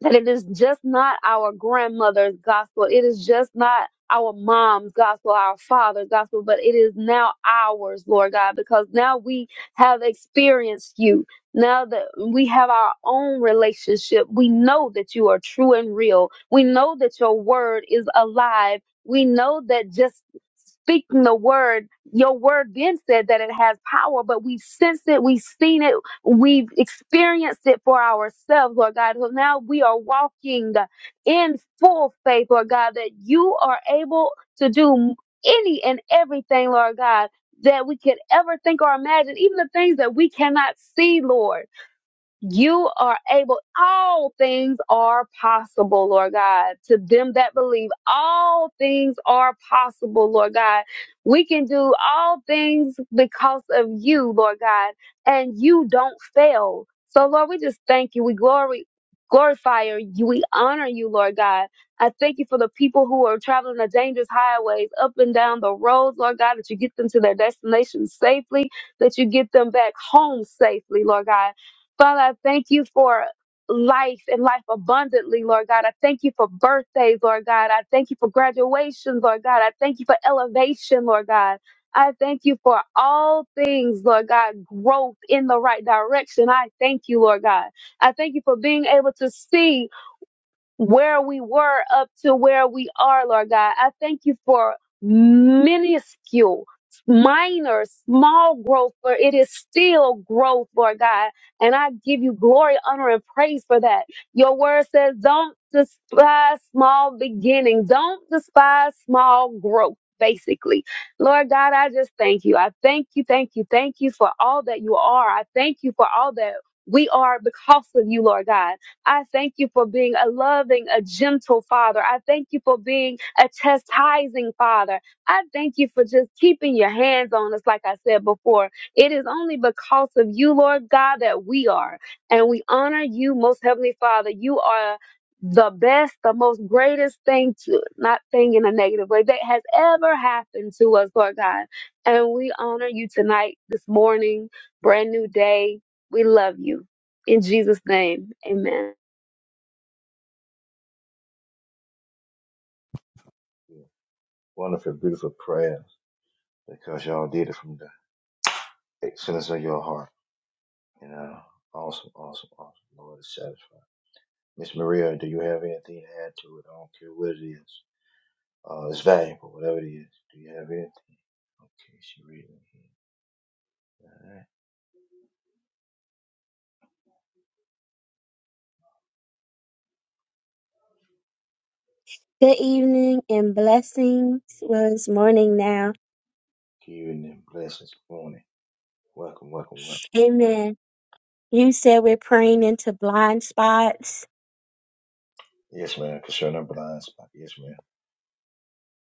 Speaker 4: that it is just not our grandmother's gospel. It is just not our mom's gospel, our father's gospel, but it is now ours, Lord God, because now we have experienced you. Now that we have our own relationship, we know that you are true and real. We know that your word is alive. We know that just speaking the word, your word then said that it has power, but we've sensed it, we've seen it We've experienced it for ourselves, Lord God. So now we are walking in full faith, Lord God, that you are able to do any and everything, Lord God, that we could ever think or imagine, even the things that we cannot see, Lord you are able, all things are possible, Lord God. To them that believe, all things are possible, Lord God. We can do all things because of you, Lord God, and you don't fail. So, Lord, we just thank you. We glory, glorify you. We honor you, Lord God. I thank you for the people who are traveling the dangerous highways up and down the roads, Lord God, that you get them to their destination safely, that you get them back home safely, Lord God Father, I thank you for life and life abundantly, Lord God. I thank you for birthdays, Lord God. I thank you for graduations, Lord God. I thank you for elevation, Lord God. I thank you for all things, Lord God, growth in the right direction. I thank you, Lord God. I thank you for being able to see where we were up to where we are, Lord God. I thank you for minuscule, minor, small growth, for it is still growth, Lord God. And I give you glory, honor, and praise for that. Your word says, don't despise small beginnings, don't despise small growth. Basically, Lord God, I just thank you. I thank you, thank you, thank you for all that you are. I thank you for all that we are because of you, Lord God. I thank you for being a loving, a gentle father. I thank you for being a chastising father. I thank you for just keeping your hands on us, like I said before. It is only because of you, Lord God, that we are. And we honor you, most heavenly father. You are the best, the most greatest thing to not thing in a negative way that has ever happened to us, Lord God. And we honor you tonight, this morning, brand new day. We love you. In Jesus' name, amen.
Speaker 1: Wonderful, beautiful prayer because y'all did it from there. Excellence of your heart. You know, awesome, awesome, awesome. Lord, it's satisfying. Miss Maria, do you have anything to add to it? I don't care what it is. Uh, it's valuable, whatever it is. Do you have anything? She reading,
Speaker 5: Good evening and blessings. Well, it's morning now.
Speaker 1: giving them blessings, morning. Welcome, welcome, welcome.
Speaker 5: Amen. You said we're praying into blind spots.
Speaker 1: Yes, ma'am. Concern number blind spot. Yes, ma'am.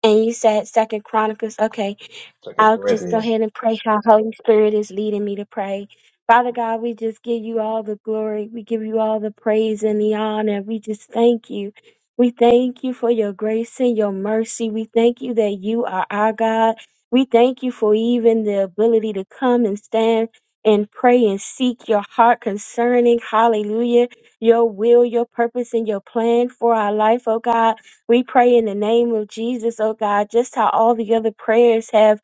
Speaker 5: And you said Second Chronicles. Okay,
Speaker 1: Second
Speaker 5: I'll just
Speaker 1: Corinthians.
Speaker 5: go ahead and pray how Holy Spirit is leading me to pray. Father God, we just give you all the glory. We give you all the praise and the honor. We just thank you. We thank you for your grace and your mercy. We thank you that you are our God. We thank you for even the ability to come and stand and pray and seek your heart concerning, hallelujah, your will, your purpose, and your plan for our life, oh God. We pray in the name of Jesus, oh God, just how all the other prayers have.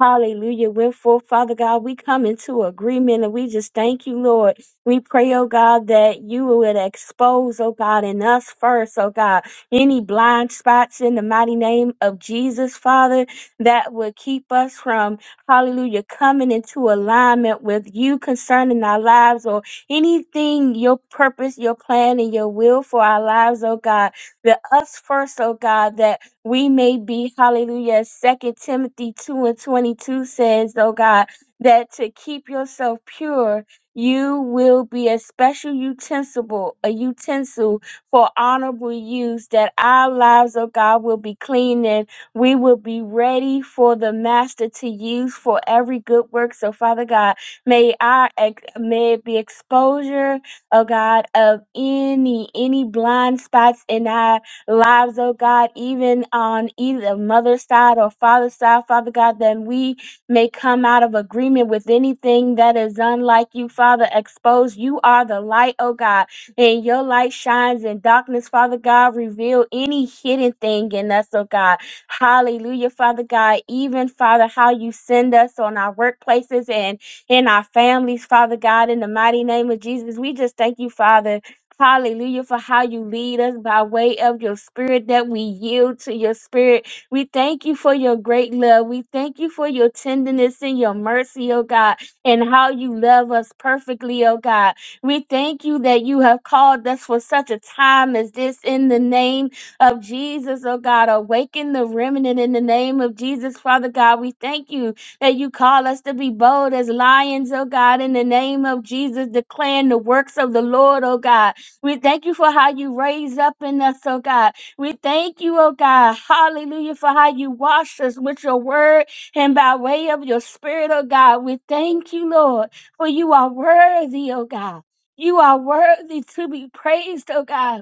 Speaker 5: Hallelujah. Went forth, Father God. We come into agreement and we just thank you, Lord. We pray, oh God, that you would expose, oh God, in us first, oh God, any blind spots in the mighty name of Jesus, Father, that would keep us from, hallelujah, coming into alignment with you concerning our lives or anything, your purpose, your plan, and your will for our lives, oh God the us first, oh God, that we may be, hallelujah. Second Timothy 2 and 22 says, oh God, that to keep yourself pure, you will be a special utensil, a utensil for honorable use, that our lives, oh God, will be clean and we will be ready for the master to use for every good work. So, Father God, may our ex- may it be exposure oh God, of any any blind spots in our lives, oh God, even on either mother's side or father's side, Father God, that we may come out of agreement with anything that is unlike you, Father. Expose you are the light, oh God, and your light shines in darkness, Father God. Reveal any hidden thing in us, oh God. Hallelujah, Father God. Even Father, how you send us on our workplaces and in our families, Father God, in the mighty name of Jesus. We just thank you, Father. Hallelujah for how you lead us by way of your spirit that we yield to your spirit. We thank you for your great love. We thank you for your tenderness and your mercy, oh God, and how you love us perfectly, oh God. We thank you that you have called us for such a time as this in the name of Jesus, oh God. Awaken the remnant in the name of Jesus, Father God. We thank you that you call us to be bold as lions, oh God, in the name of Jesus, declaring the works of the Lord, oh God. We thank you for how you raise up in us, oh God. We thank you, oh God, hallelujah, for how you wash us with your word and by way of your spirit, oh God. We thank you, Lord, for you are worthy, oh God. You are worthy to be praised, oh God.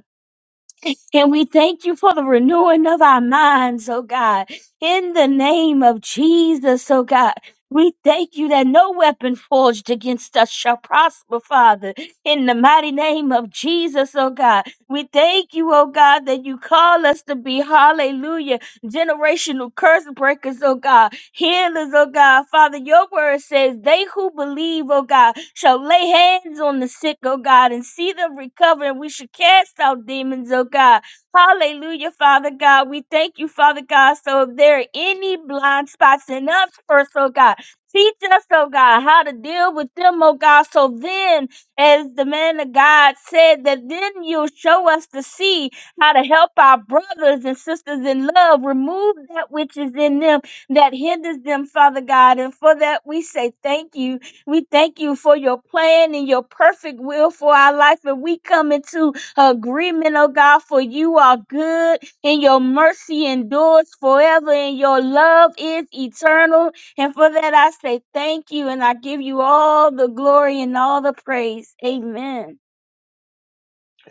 Speaker 5: And we thank you for the renewing of our minds, oh God. In the name of Jesus, oh God. We thank you that no weapon forged against us shall prosper, Father. In the mighty name of Jesus, oh God. We thank you, oh God, that you call us to be, hallelujah, generational curse breakers, oh God. Healers, oh God. Father, your word says, they who believe, oh God, shall lay hands on the sick, oh God, and see them recover. And we should cast out demons, oh God. Hallelujah, Father God. We thank you, Father God. So if there are any blind spots in us first, oh God, teach us, oh God, how to deal with them, oh God. So then, as the man of God said, that then you'll show us to see how to help our brothers and sisters in love remove that which is in them that hinders them, Father God. And for that, we say thank you. We thank you for your plan and your perfect will for our life. And we come into agreement, oh God, for you are good and your mercy endures forever and your love is eternal. And for that, I say thank you and I give you all the glory and all the praise. Amen.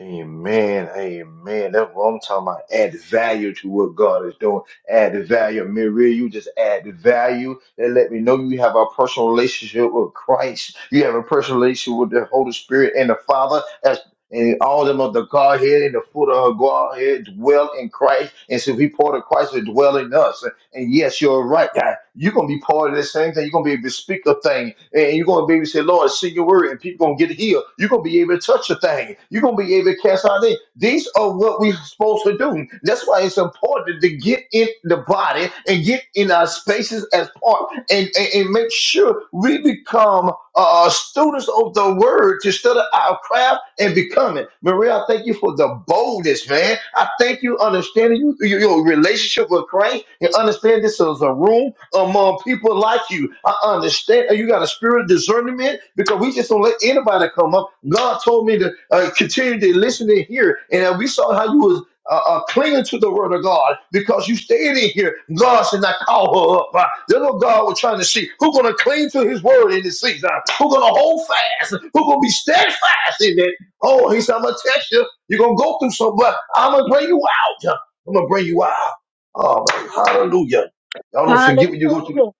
Speaker 1: Amen. Amen. That's what I'm talking about. Add value to what God is doing. Add the value. Maria, you just add the value and let me know you have a personal relationship with Christ. You have a personal relationship with the Holy Spirit and the Father as and all them of the Godhead and the foot of her Godhead dwell in Christ. And so we part of Christ will dwell in us. And yes, you're right. God. You're gonna be part of this thing, and you're gonna be able to speak a thing, and you're gonna be able to say, Lord, send your word, and people gonna get healed. You're gonna be able to touch a thing, you're gonna be able to cast out a thing. These are what we're supposed to do. That's why it's important to get in the body and get in our spaces as part and, and, and make sure we become uh, uh, students of the word to study our craft and become it. Maria, I thank you for the boldness, man. I thank you understanding you, you- your relationship with Christ and understand this is a room among people like you. I understand uh, you got a spirit of discernment because we just don't let anybody come up. God told me to uh, continue to listen and hear, and uh, we saw how you was uh, uh, clinging to the word of God because you stayed in here. God said, not call her up. Uh, That's what God was trying to see. Who's going to cling to his word in this season? Who's going to hold fast? Who's going to be steadfast in it? Oh, he said, I'm going to test you. You're going to go through some, but I'm going to bring you out. I'm going to bring you out. Oh, man. Hallelujah. Y'all don't forget when you go through.
Speaker 5: Hallelujah.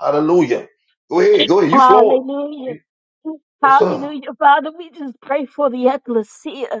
Speaker 1: Hallelujah. Go ahead. Go ahead. You flowing.
Speaker 5: Hallelujah.
Speaker 1: You- Yes, sir.
Speaker 5: Hallelujah. Father, we just pray for the ecclesia.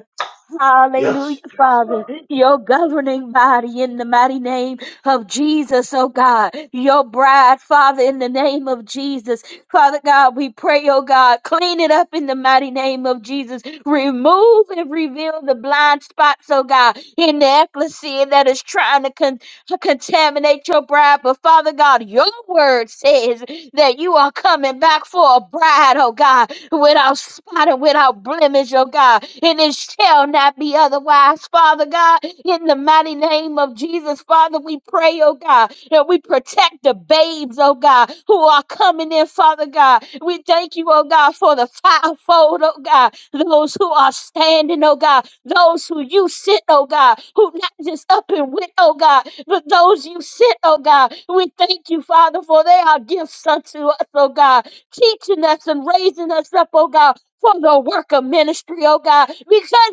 Speaker 1: Yes.
Speaker 5: Hallelujah,
Speaker 1: yes
Speaker 5: Father.
Speaker 1: sir.
Speaker 5: Your governing body in the mighty name of Jesus, oh God. Your bride, Father, in the name of Jesus. Father God, we pray, oh God, clean it up in the mighty name of Jesus. Remove and reveal the blind spots, oh God, in the ecclesia that is trying to con- to contaminate your bride. But Father God, your word says that you are coming back for a bride, oh God without spot and without blemish, oh God. And it shall not be otherwise, Father God. In the mighty name of Jesus, Father, we pray, oh God, that we protect the babes, oh God, who are coming in, Father God. We thank you, oh God, for the fivefold, oh God, those who are standing, oh God, those who you sent, oh God, who not just up and went, oh God, but those you sent, oh God. We thank you, Father, for they are gifts unto us, oh God teaching us and raising us up, oh God, for the work of ministry, oh God, because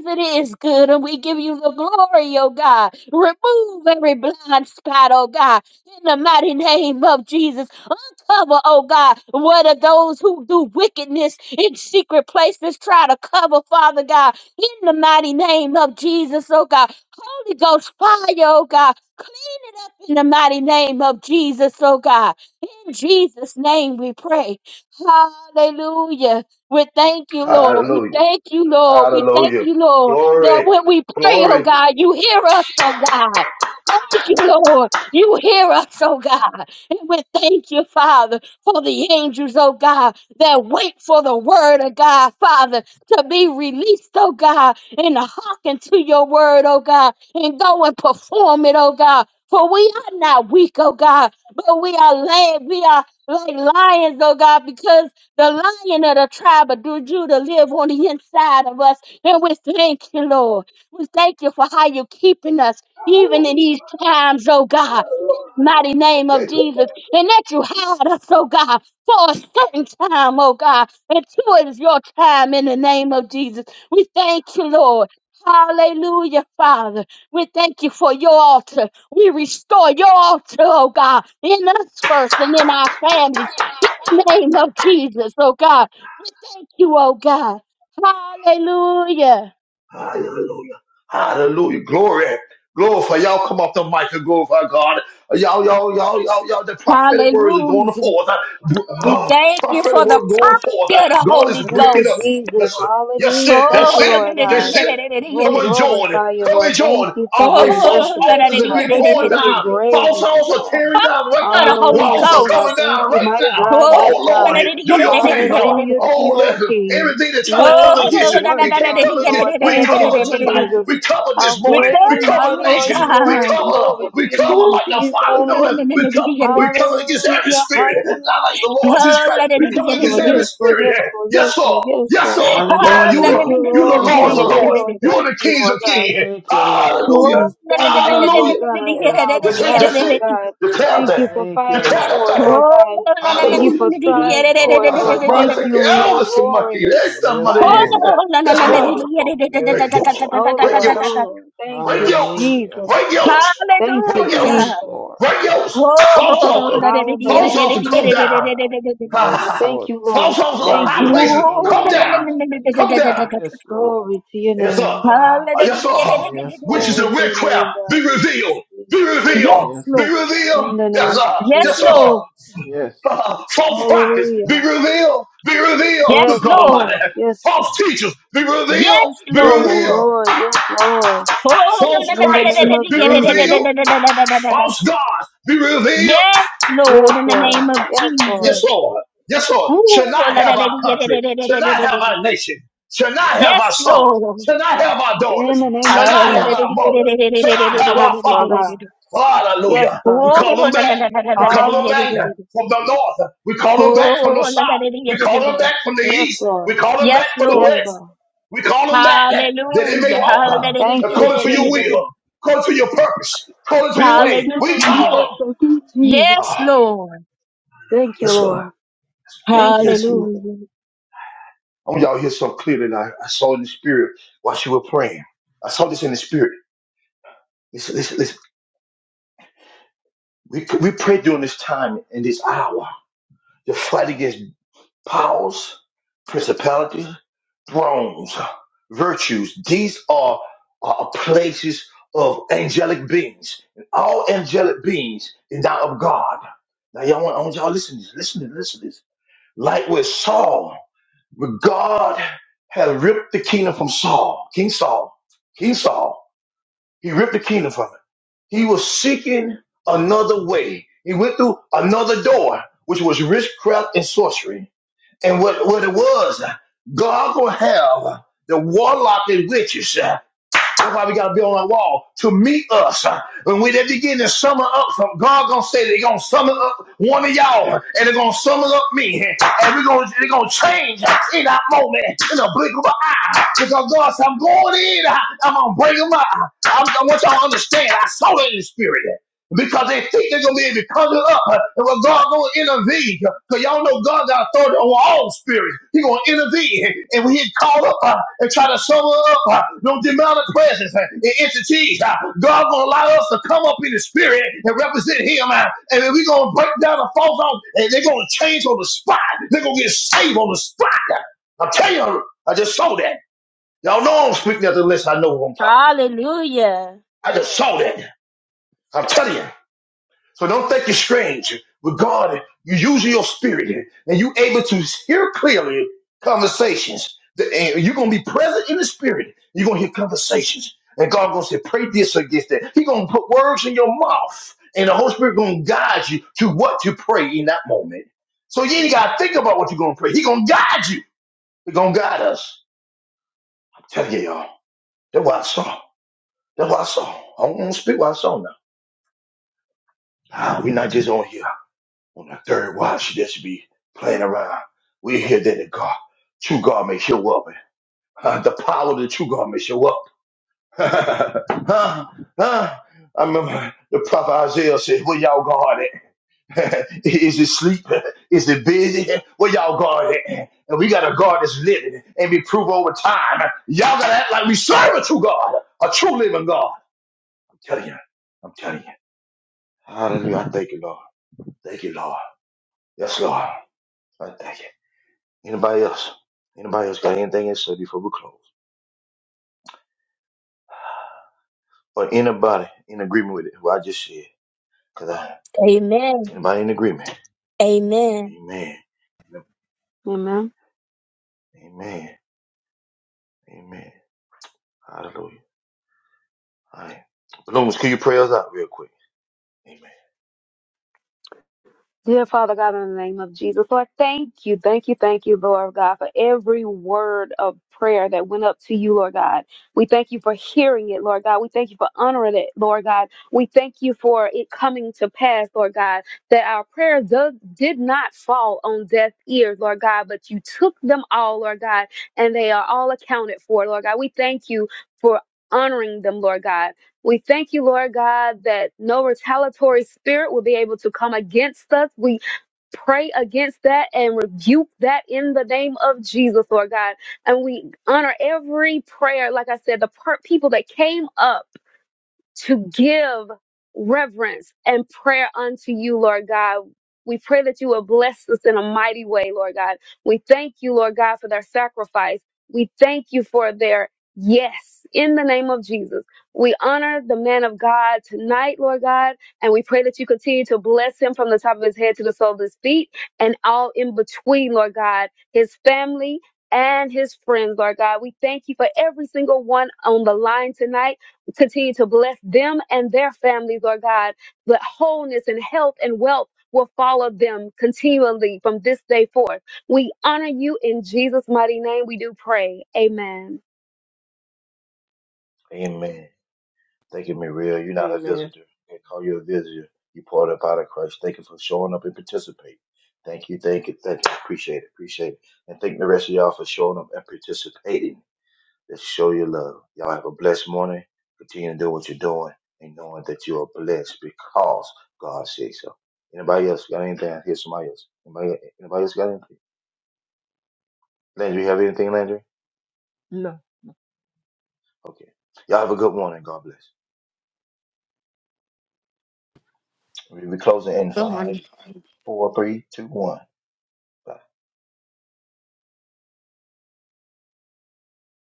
Speaker 5: it is good and we give you the glory, oh God. Remove every blind spot, oh God, in the mighty name of Jesus. Uncover, oh God, what are those who do wickedness in secret places try to cover, Father God, in the mighty name of Jesus, oh God. Holy Ghost fire, oh God, clean it up in the mighty name of Jesus, oh God. In Jesus' name we pray. Hallelujah. We thank you, Lord. We
Speaker 1: Hallelujah.
Speaker 5: thank you, Lord. We thank
Speaker 1: Hallelujah.
Speaker 5: you, Lord.
Speaker 1: Glory.
Speaker 5: That when we pray, oh
Speaker 1: Glory.
Speaker 5: God, you hear us, oh God. Thank you, Lord. You hear us, oh God. And we thank you, Father, for the angels, oh God, that wait for the word of God, Father, to be released, oh God, and to hearken to your word, oh God, and go and perform it, oh God. For we are not weak, oh God, but we are led. we are like lions, oh God, because the lion of the tribe of Du- Judah live on the inside of us. And we thank you, Lord. We thank you for how you're keeping us, even in these times, oh God. In the mighty name of Jesus. And that you hide us, oh God, for a certain time, oh God. Until it is your time in the name of Jesus. We thank you, Lord. Hallelujah, Father. We thank you for your altar. We restore your altar, oh God, in us first and in our families. In the name of Jesus, oh God. We thank you, oh God. Hallelujah.
Speaker 1: Hallelujah. Hallelujah. Glory. Glory y'all. Come off the mic and glorify God. Y'all, y'all, y'all, y'all, y'all. The prophetic words are going
Speaker 5: Hallelujah.
Speaker 1: forth.
Speaker 5: We
Speaker 1: Uh,
Speaker 5: thank you
Speaker 1: prophetic
Speaker 5: for the
Speaker 1: word going forth.
Speaker 5: fire of the
Speaker 1: God is
Speaker 5: Holy
Speaker 4: Thank you,
Speaker 1: breaking up.
Speaker 5: Ghost.
Speaker 4: Jesus.
Speaker 1: That's it. Yes, it.
Speaker 5: Oh,
Speaker 4: Hallelujah. Thank
Speaker 1: That's
Speaker 4: you,
Speaker 5: oh,
Speaker 1: it.
Speaker 4: Lord
Speaker 1: That's
Speaker 4: God.
Speaker 1: it.
Speaker 4: Lord, we
Speaker 1: Come and join.
Speaker 4: glorify you,
Speaker 1: Come
Speaker 4: Lord.
Speaker 1: and join.
Speaker 4: Thank you
Speaker 1: Uh,
Speaker 4: for
Speaker 1: a
Speaker 4: being
Speaker 1: false
Speaker 4: merciful,
Speaker 1: altars
Speaker 4: Lord
Speaker 1: have
Speaker 4: God.
Speaker 1: been
Speaker 4: Thank you
Speaker 1: torn
Speaker 4: for being
Speaker 1: down. False
Speaker 4: great in
Speaker 1: altars are
Speaker 4: all,
Speaker 1: tearing down right
Speaker 5: fire of
Speaker 4: all
Speaker 5: the
Speaker 1: now.
Speaker 4: your
Speaker 5: Holy
Speaker 4: ways,
Speaker 1: Walls are
Speaker 4: Lord God.
Speaker 1: coming
Speaker 5: Ghost.
Speaker 4: Thank
Speaker 1: down
Speaker 4: you,
Speaker 1: right
Speaker 4: mighty
Speaker 1: now.
Speaker 4: God,
Speaker 5: Oh,
Speaker 1: Oh
Speaker 4: mighty
Speaker 1: Lord,
Speaker 4: God.
Speaker 1: you do your thing, Lord.
Speaker 4: Hallelujah to
Speaker 1: Oh,
Speaker 4: you, O
Speaker 1: let
Speaker 4: King.
Speaker 1: everything that's trying to come against
Speaker 4: Worthy,
Speaker 1: you, it
Speaker 4: worthy
Speaker 1: can't
Speaker 4: are
Speaker 1: come
Speaker 4: you,
Speaker 1: against.
Speaker 4: Lord.
Speaker 1: We
Speaker 4: Thank you,
Speaker 1: cover
Speaker 5: oh,
Speaker 1: tonight.
Speaker 4: Jesus.
Speaker 1: We cover
Speaker 4: How
Speaker 1: this
Speaker 5: We
Speaker 1: morning.
Speaker 4: great
Speaker 1: We
Speaker 4: and
Speaker 5: thank
Speaker 1: cover
Speaker 5: you,
Speaker 4: mighty
Speaker 5: oh
Speaker 4: are
Speaker 1: nations.
Speaker 4: you,
Speaker 1: We
Speaker 4: Lord.
Speaker 5: God.
Speaker 1: cover.
Speaker 4: Glory to
Speaker 1: We
Speaker 4: your
Speaker 1: cover
Speaker 4: name,
Speaker 5: Ooh,
Speaker 1: like the Father
Speaker 5: no,
Speaker 4: Jesus.
Speaker 5: no, no, no,
Speaker 1: doing.
Speaker 5: no,
Speaker 1: We cover.
Speaker 5: no, no, no.
Speaker 1: We coming against every
Speaker 4: Hallelujah,
Speaker 1: spirit, not
Speaker 4: hallelujah.
Speaker 1: like the Lord Jesus
Speaker 5: Oh,
Speaker 1: Christ.
Speaker 5: la, da,
Speaker 1: We
Speaker 5: da,
Speaker 4: Yes,
Speaker 5: da,
Speaker 1: coming
Speaker 5: da,
Speaker 1: against
Speaker 5: da,
Speaker 4: Lord,
Speaker 5: da,
Speaker 1: every
Speaker 5: da.
Speaker 4: yes, Lord,
Speaker 1: spirit.
Speaker 4: yes,
Speaker 1: there.
Speaker 4: Lord, yes,
Speaker 1: Yes, Lord.
Speaker 4: Lord, yes,
Speaker 1: Yes,
Speaker 4: Lord.
Speaker 1: Lord. Lord,
Speaker 5: Ah,
Speaker 1: you
Speaker 5: la, la,
Speaker 4: Thank
Speaker 2: Hallelujah.
Speaker 1: are.
Speaker 4: you,
Speaker 5: la, la, la,
Speaker 1: You are the
Speaker 4: Lord.
Speaker 2: Thank you,
Speaker 1: Lords
Speaker 4: Thank
Speaker 1: of
Speaker 4: you,
Speaker 2: Lord.
Speaker 1: Lords.
Speaker 5: la, la, la, la, la, la,
Speaker 4: Lord.
Speaker 5: la.
Speaker 1: You are
Speaker 4: Thank
Speaker 1: the
Speaker 4: you,
Speaker 1: Kings
Speaker 4: Lord
Speaker 1: of
Speaker 4: God.
Speaker 1: Kings.
Speaker 2: Thank you, Lord.
Speaker 4: You
Speaker 1: Hallelujah.
Speaker 5: Oh,
Speaker 4: be
Speaker 5: la, la, la,
Speaker 4: standing
Speaker 5: la, la, la, la, la,
Speaker 4: up, Lord
Speaker 1: Hallelujah.
Speaker 4: God, on
Speaker 2: Yes,
Speaker 4: our
Speaker 1: That's
Speaker 2: Lord.
Speaker 1: it.
Speaker 4: behalf,
Speaker 1: That's
Speaker 4: Lord
Speaker 1: it.
Speaker 4: God.
Speaker 1: Declare
Speaker 4: Thank
Speaker 1: that.
Speaker 4: you for
Speaker 2: Thank you,
Speaker 4: fighting
Speaker 1: Declare
Speaker 2: Lord.
Speaker 1: that
Speaker 4: for us,
Speaker 1: thing.
Speaker 4: Lord God.
Speaker 5: la, la,
Speaker 4: Thank you
Speaker 5: la,
Speaker 1: Hallelujah.
Speaker 4: for
Speaker 2: Yes,
Speaker 4: striving for
Speaker 2: Lord.
Speaker 4: us,
Speaker 1: That's a
Speaker 5: la, la,
Speaker 4: Lord.
Speaker 5: la,
Speaker 4: Thank
Speaker 1: monster.
Speaker 5: la, la.
Speaker 4: you. Your
Speaker 1: Elder
Speaker 4: glory
Speaker 1: monkey.
Speaker 4: is
Speaker 1: That's
Speaker 2: Yes,
Speaker 1: somebody. Yes,
Speaker 2: Lord.
Speaker 4: mighty,
Speaker 1: sir.
Speaker 5: Oh, la, la, la, la, la, la,
Speaker 1: yes, Lord.
Speaker 4: wonderful.
Speaker 5: la, la,
Speaker 2: Yes,
Speaker 5: la, la, la, la, la, la. Oh, la, la, la, la, la, la, la,
Speaker 1: Break yokes.
Speaker 2: Lord.
Speaker 5: la,
Speaker 4: Oh,
Speaker 5: la,
Speaker 1: Break
Speaker 5: la,
Speaker 4: Lord.
Speaker 1: yokes.
Speaker 5: la,
Speaker 4: Oh,
Speaker 5: la.
Speaker 4: Lord. Thank
Speaker 1: Break
Speaker 4: you,
Speaker 1: yokes.
Speaker 2: Hallelujah.
Speaker 4: Jesus.
Speaker 1: Break yokes.
Speaker 4: Thank you,
Speaker 1: Break
Speaker 5: Hallelujah.
Speaker 1: yokes.
Speaker 2: Yes,
Speaker 4: Jesus.
Speaker 2: Lord.
Speaker 1: Break yokes. False
Speaker 4: All
Speaker 5: Oh,
Speaker 1: altar.
Speaker 5: la, la, la,
Speaker 4: power
Speaker 5: la, la,
Speaker 1: False
Speaker 5: la, la,
Speaker 4: belongs
Speaker 5: la,
Speaker 1: altar.
Speaker 4: to
Speaker 1: Come
Speaker 4: you,
Speaker 5: la,
Speaker 4: Lord
Speaker 5: la,
Speaker 1: down.
Speaker 5: la,
Speaker 4: God.
Speaker 5: la, la.
Speaker 2: Yes,
Speaker 1: Ah,
Speaker 4: Thank
Speaker 2: Lord.
Speaker 4: you,
Speaker 1: False
Speaker 4: Lord.
Speaker 1: altars of
Speaker 2: All
Speaker 4: Thank
Speaker 1: high
Speaker 4: you.
Speaker 2: glory
Speaker 4: Thank
Speaker 2: and
Speaker 1: places.
Speaker 4: you.
Speaker 2: honor
Speaker 5: Oh,
Speaker 4: Thank
Speaker 1: Come
Speaker 5: la, la,
Speaker 4: you.
Speaker 1: down.
Speaker 5: la,
Speaker 2: belongs
Speaker 5: la,
Speaker 2: to
Speaker 5: la,
Speaker 2: you.
Speaker 5: la,
Speaker 1: Come
Speaker 5: la, la, la,
Speaker 1: down.
Speaker 5: la, la.
Speaker 2: Yes, Lord.
Speaker 4: Glory to your
Speaker 1: Yes, sir.
Speaker 4: name,
Speaker 5: Yes,
Speaker 4: God.
Speaker 1: Uh, yes, sir.
Speaker 2: Yes,
Speaker 1: Witches
Speaker 2: Lord.
Speaker 4: Glory
Speaker 1: and
Speaker 4: to your
Speaker 1: witchcraft,
Speaker 4: name,
Speaker 1: be
Speaker 4: God. Glory
Speaker 1: revealed.
Speaker 4: to your
Speaker 1: Be
Speaker 4: name.
Speaker 1: revealed.
Speaker 2: Yes,
Speaker 1: Be
Speaker 5: Lord.
Speaker 2: Lord.
Speaker 1: revealed.
Speaker 4: In the
Speaker 1: Yes,
Speaker 4: name
Speaker 1: sir.
Speaker 4: of
Speaker 5: Yes,
Speaker 1: Yes, sir.
Speaker 4: Jesus.
Speaker 5: Lord.
Speaker 2: Yes.
Speaker 1: Uh, false prophets, be
Speaker 4: Hallelujah.
Speaker 1: revealed. Be revealed.
Speaker 5: Yes,
Speaker 1: Good
Speaker 4: Yes,
Speaker 1: God
Speaker 4: Lord.
Speaker 1: Almighty.
Speaker 5: Lord.
Speaker 4: Yes, Lord.
Speaker 1: False teachers, be
Speaker 5: Yes,
Speaker 1: revealed. Be
Speaker 4: Yes,
Speaker 5: Lord.
Speaker 1: revealed.
Speaker 4: Lord. Yes, Lord.
Speaker 5: Oh,
Speaker 1: False
Speaker 4: In the
Speaker 1: Christ,
Speaker 4: name of
Speaker 1: be
Speaker 4: Jesus.
Speaker 1: revealed. False gods, be revealed.
Speaker 5: yes, Lord,
Speaker 4: Yes,
Speaker 5: in the
Speaker 4: Lord.
Speaker 5: name of
Speaker 4: Yes, Lord.
Speaker 1: Yes,
Speaker 5: Jesus.
Speaker 1: Lord. Yes, Lord. Shall
Speaker 5: Ooh,
Speaker 1: not have our country. Shall not have our nation. Shall not have our
Speaker 5: yes,
Speaker 1: sons.
Speaker 5: Lord.
Speaker 1: Shall not have our
Speaker 4: In
Speaker 1: daughters.
Speaker 4: the name
Speaker 1: Shall
Speaker 4: of
Speaker 1: not have
Speaker 4: Jesus.
Speaker 1: our mothers. Shall not have our
Speaker 4: Yes, Lord
Speaker 1: fathers.
Speaker 4: God. Yes,
Speaker 1: Hallelujah.
Speaker 4: Lord.
Speaker 1: We call them back. We
Speaker 5: Oh,
Speaker 1: call them back
Speaker 4: Hallelujah.
Speaker 1: from the north. We call them back from the south. We call them back from the
Speaker 4: Yes,
Speaker 1: east. We
Speaker 4: Lord.
Speaker 1: call them back
Speaker 5: yes,
Speaker 1: from the
Speaker 4: Yes,
Speaker 5: Lord.
Speaker 1: west.
Speaker 4: Lord.
Speaker 1: We call them back that they may
Speaker 5: Hallelujah.
Speaker 1: walk
Speaker 4: Thank you,
Speaker 1: according to your
Speaker 4: Jesus.
Speaker 5: Hallelujah.
Speaker 1: will, according to your purpose, according to your
Speaker 4: Thank
Speaker 1: way.
Speaker 4: you,
Speaker 1: We call
Speaker 5: Hallelujah.
Speaker 4: Jesus.
Speaker 1: them.
Speaker 4: Thank you, Jesus.
Speaker 5: Yes,
Speaker 1: Ah,
Speaker 5: Lord.
Speaker 4: Thank you,
Speaker 1: yes, Lord.
Speaker 4: Lord. Thank you,
Speaker 1: Yes.
Speaker 4: Jesus.
Speaker 5: Hallelujah.
Speaker 1: I want y'all to hear so clear that I, I saw in the spirit while she were praying. I saw this in the spirit. Listen, listen, listen. We, we pray during this time and this hour to fight against powers, principalities, thrones, virtues. These are, are places of angelic beings. And all angelic beings is not of God. Now, y'all want, I want y'all to listen to this. Listen to this. Listen to this. Like with Saul. But God had ripped the kingdom from Saul, King Saul, King Saul. He ripped the kingdom from it. He was seeking another way. He went through another door, which was witchcraft and sorcery. And what, what it was, God will have the warlock and witches. That's why we gotta be on our wall to meet us. When we they begin to summon up, some, God gonna say they gonna summon up one of y'all, and they're gonna summon up me, and we're gonna they're gonna change in that moment, in a blink of an eye. Because God said, I'm going in, I'm gonna bring them up. I, I want y'all to understand. I saw it in the spirit because they think they're gonna be able to cover up uh, and when God gonna intervene. Because y'all know God got authority over all spirits. He gonna intervene and when he call up uh, and try to summon up uh, no demonic presence uh, and entities. Uh, God gonna allow us to come up in the spirit and represent him uh, and then we gonna break down the false off and they're gonna change on the spot. They're gonna get saved on the spot. I'm telling you, I just saw that. Y'all know I'm speaking at the list, I know what I'm talking about.
Speaker 5: Hallelujah.
Speaker 1: I just saw that. I'm telling you. So don't think you're strange. With God, you use your spirit and you able to hear clearly conversations. The- and You're going to be present in the spirit. You're going to hear conversations. And God going to say, pray this or against that. He's going to put words in your mouth. And the Holy Spirit going to guide you to what to pray in that moment. So you ain't got to think about what you're going to pray. He's going to guide you. He's going to guide us. I'm telling you, y'all. That's what I saw. That's what I saw. I don't want to speak what I saw now. Ah, we're not just on here. On the third watch, she just be playing around. We hear that the God, true God may show up. Uh, the power of the true God may show up. huh? Huh? I remember the prophet Isaiah said, Where y'all God at? Is it sleep? Is it busy? Where y'all God at? And we got a God that's living and be proved over time. Y'all gotta act like we serve a true God, a true living God. I'm telling you. I'm telling you. Hallelujah. I thank you, Lord. Thank you, Lord. Yes, Lord. I thank you. Anybody else? Anybody else got anything to say before we close? Or anybody in agreement with it? What I just said? Cause I
Speaker 5: Amen.
Speaker 1: anybody in agreement?
Speaker 5: Amen.
Speaker 1: Amen. Yep.
Speaker 4: Amen.
Speaker 1: Amen. Amen. Hallelujah. All right. Balloons, can you pray us out real quick? Amen.
Speaker 4: Dear Father God, in the name of Jesus, Lord, thank you, thank you, thank you, Lord God, for every word of prayer that went up to you, Lord God. We thank you for hearing it, Lord God. We thank you for honoring it, Lord God. We thank you for it coming to pass, Lord God, that our prayers does, did not fall on deaf ears, Lord God, but you took them all, Lord God, and they are all accounted for, Lord God. We thank you for honoring them, Lord God. We thank you, Lord God, that no retaliatory spirit will be able to come against us. We pray against that and rebuke that in the name of Jesus, Lord God. And we honor every prayer, like I said, the per- people that came up to give reverence and prayer unto you, Lord God. We pray that you will bless us in a mighty way, Lord God. We thank you, Lord God, for their sacrifice. We thank you for their yes in the name of Jesus. We honor the man of God tonight, Lord God, and we pray that you continue to bless him from the top of his head to the sole of his feet and all in between, Lord God, his family and his friends, Lord God. We thank you for every single one on the line tonight continue to bless them and their families, Lord God, that wholeness and health and wealth will follow them continually from this day forth. We honor you in Jesus' mighty name. We do pray. Amen.
Speaker 1: Amen. Thank you, Maria. You're not a visitor.
Speaker 2: Amen.
Speaker 1: They call you a visitor. You poured up out of Christ. Thank you for showing up and participating. Thank you, thank you, thank you. Appreciate it, appreciate it. And thank the rest of y'all for showing up and participating. that show your love. Y'all have a blessed morning. Continue to do what you're doing and knowing that you are blessed because God says so. Anybody else got anything? I hear somebody else. Anybody, anybody else got anything? Landry, you have anything, Landry? Okay. Y'all have a good morning. God bless. We'll be closing in
Speaker 3: Good morning.
Speaker 1: five, four, three, two, one. Bye.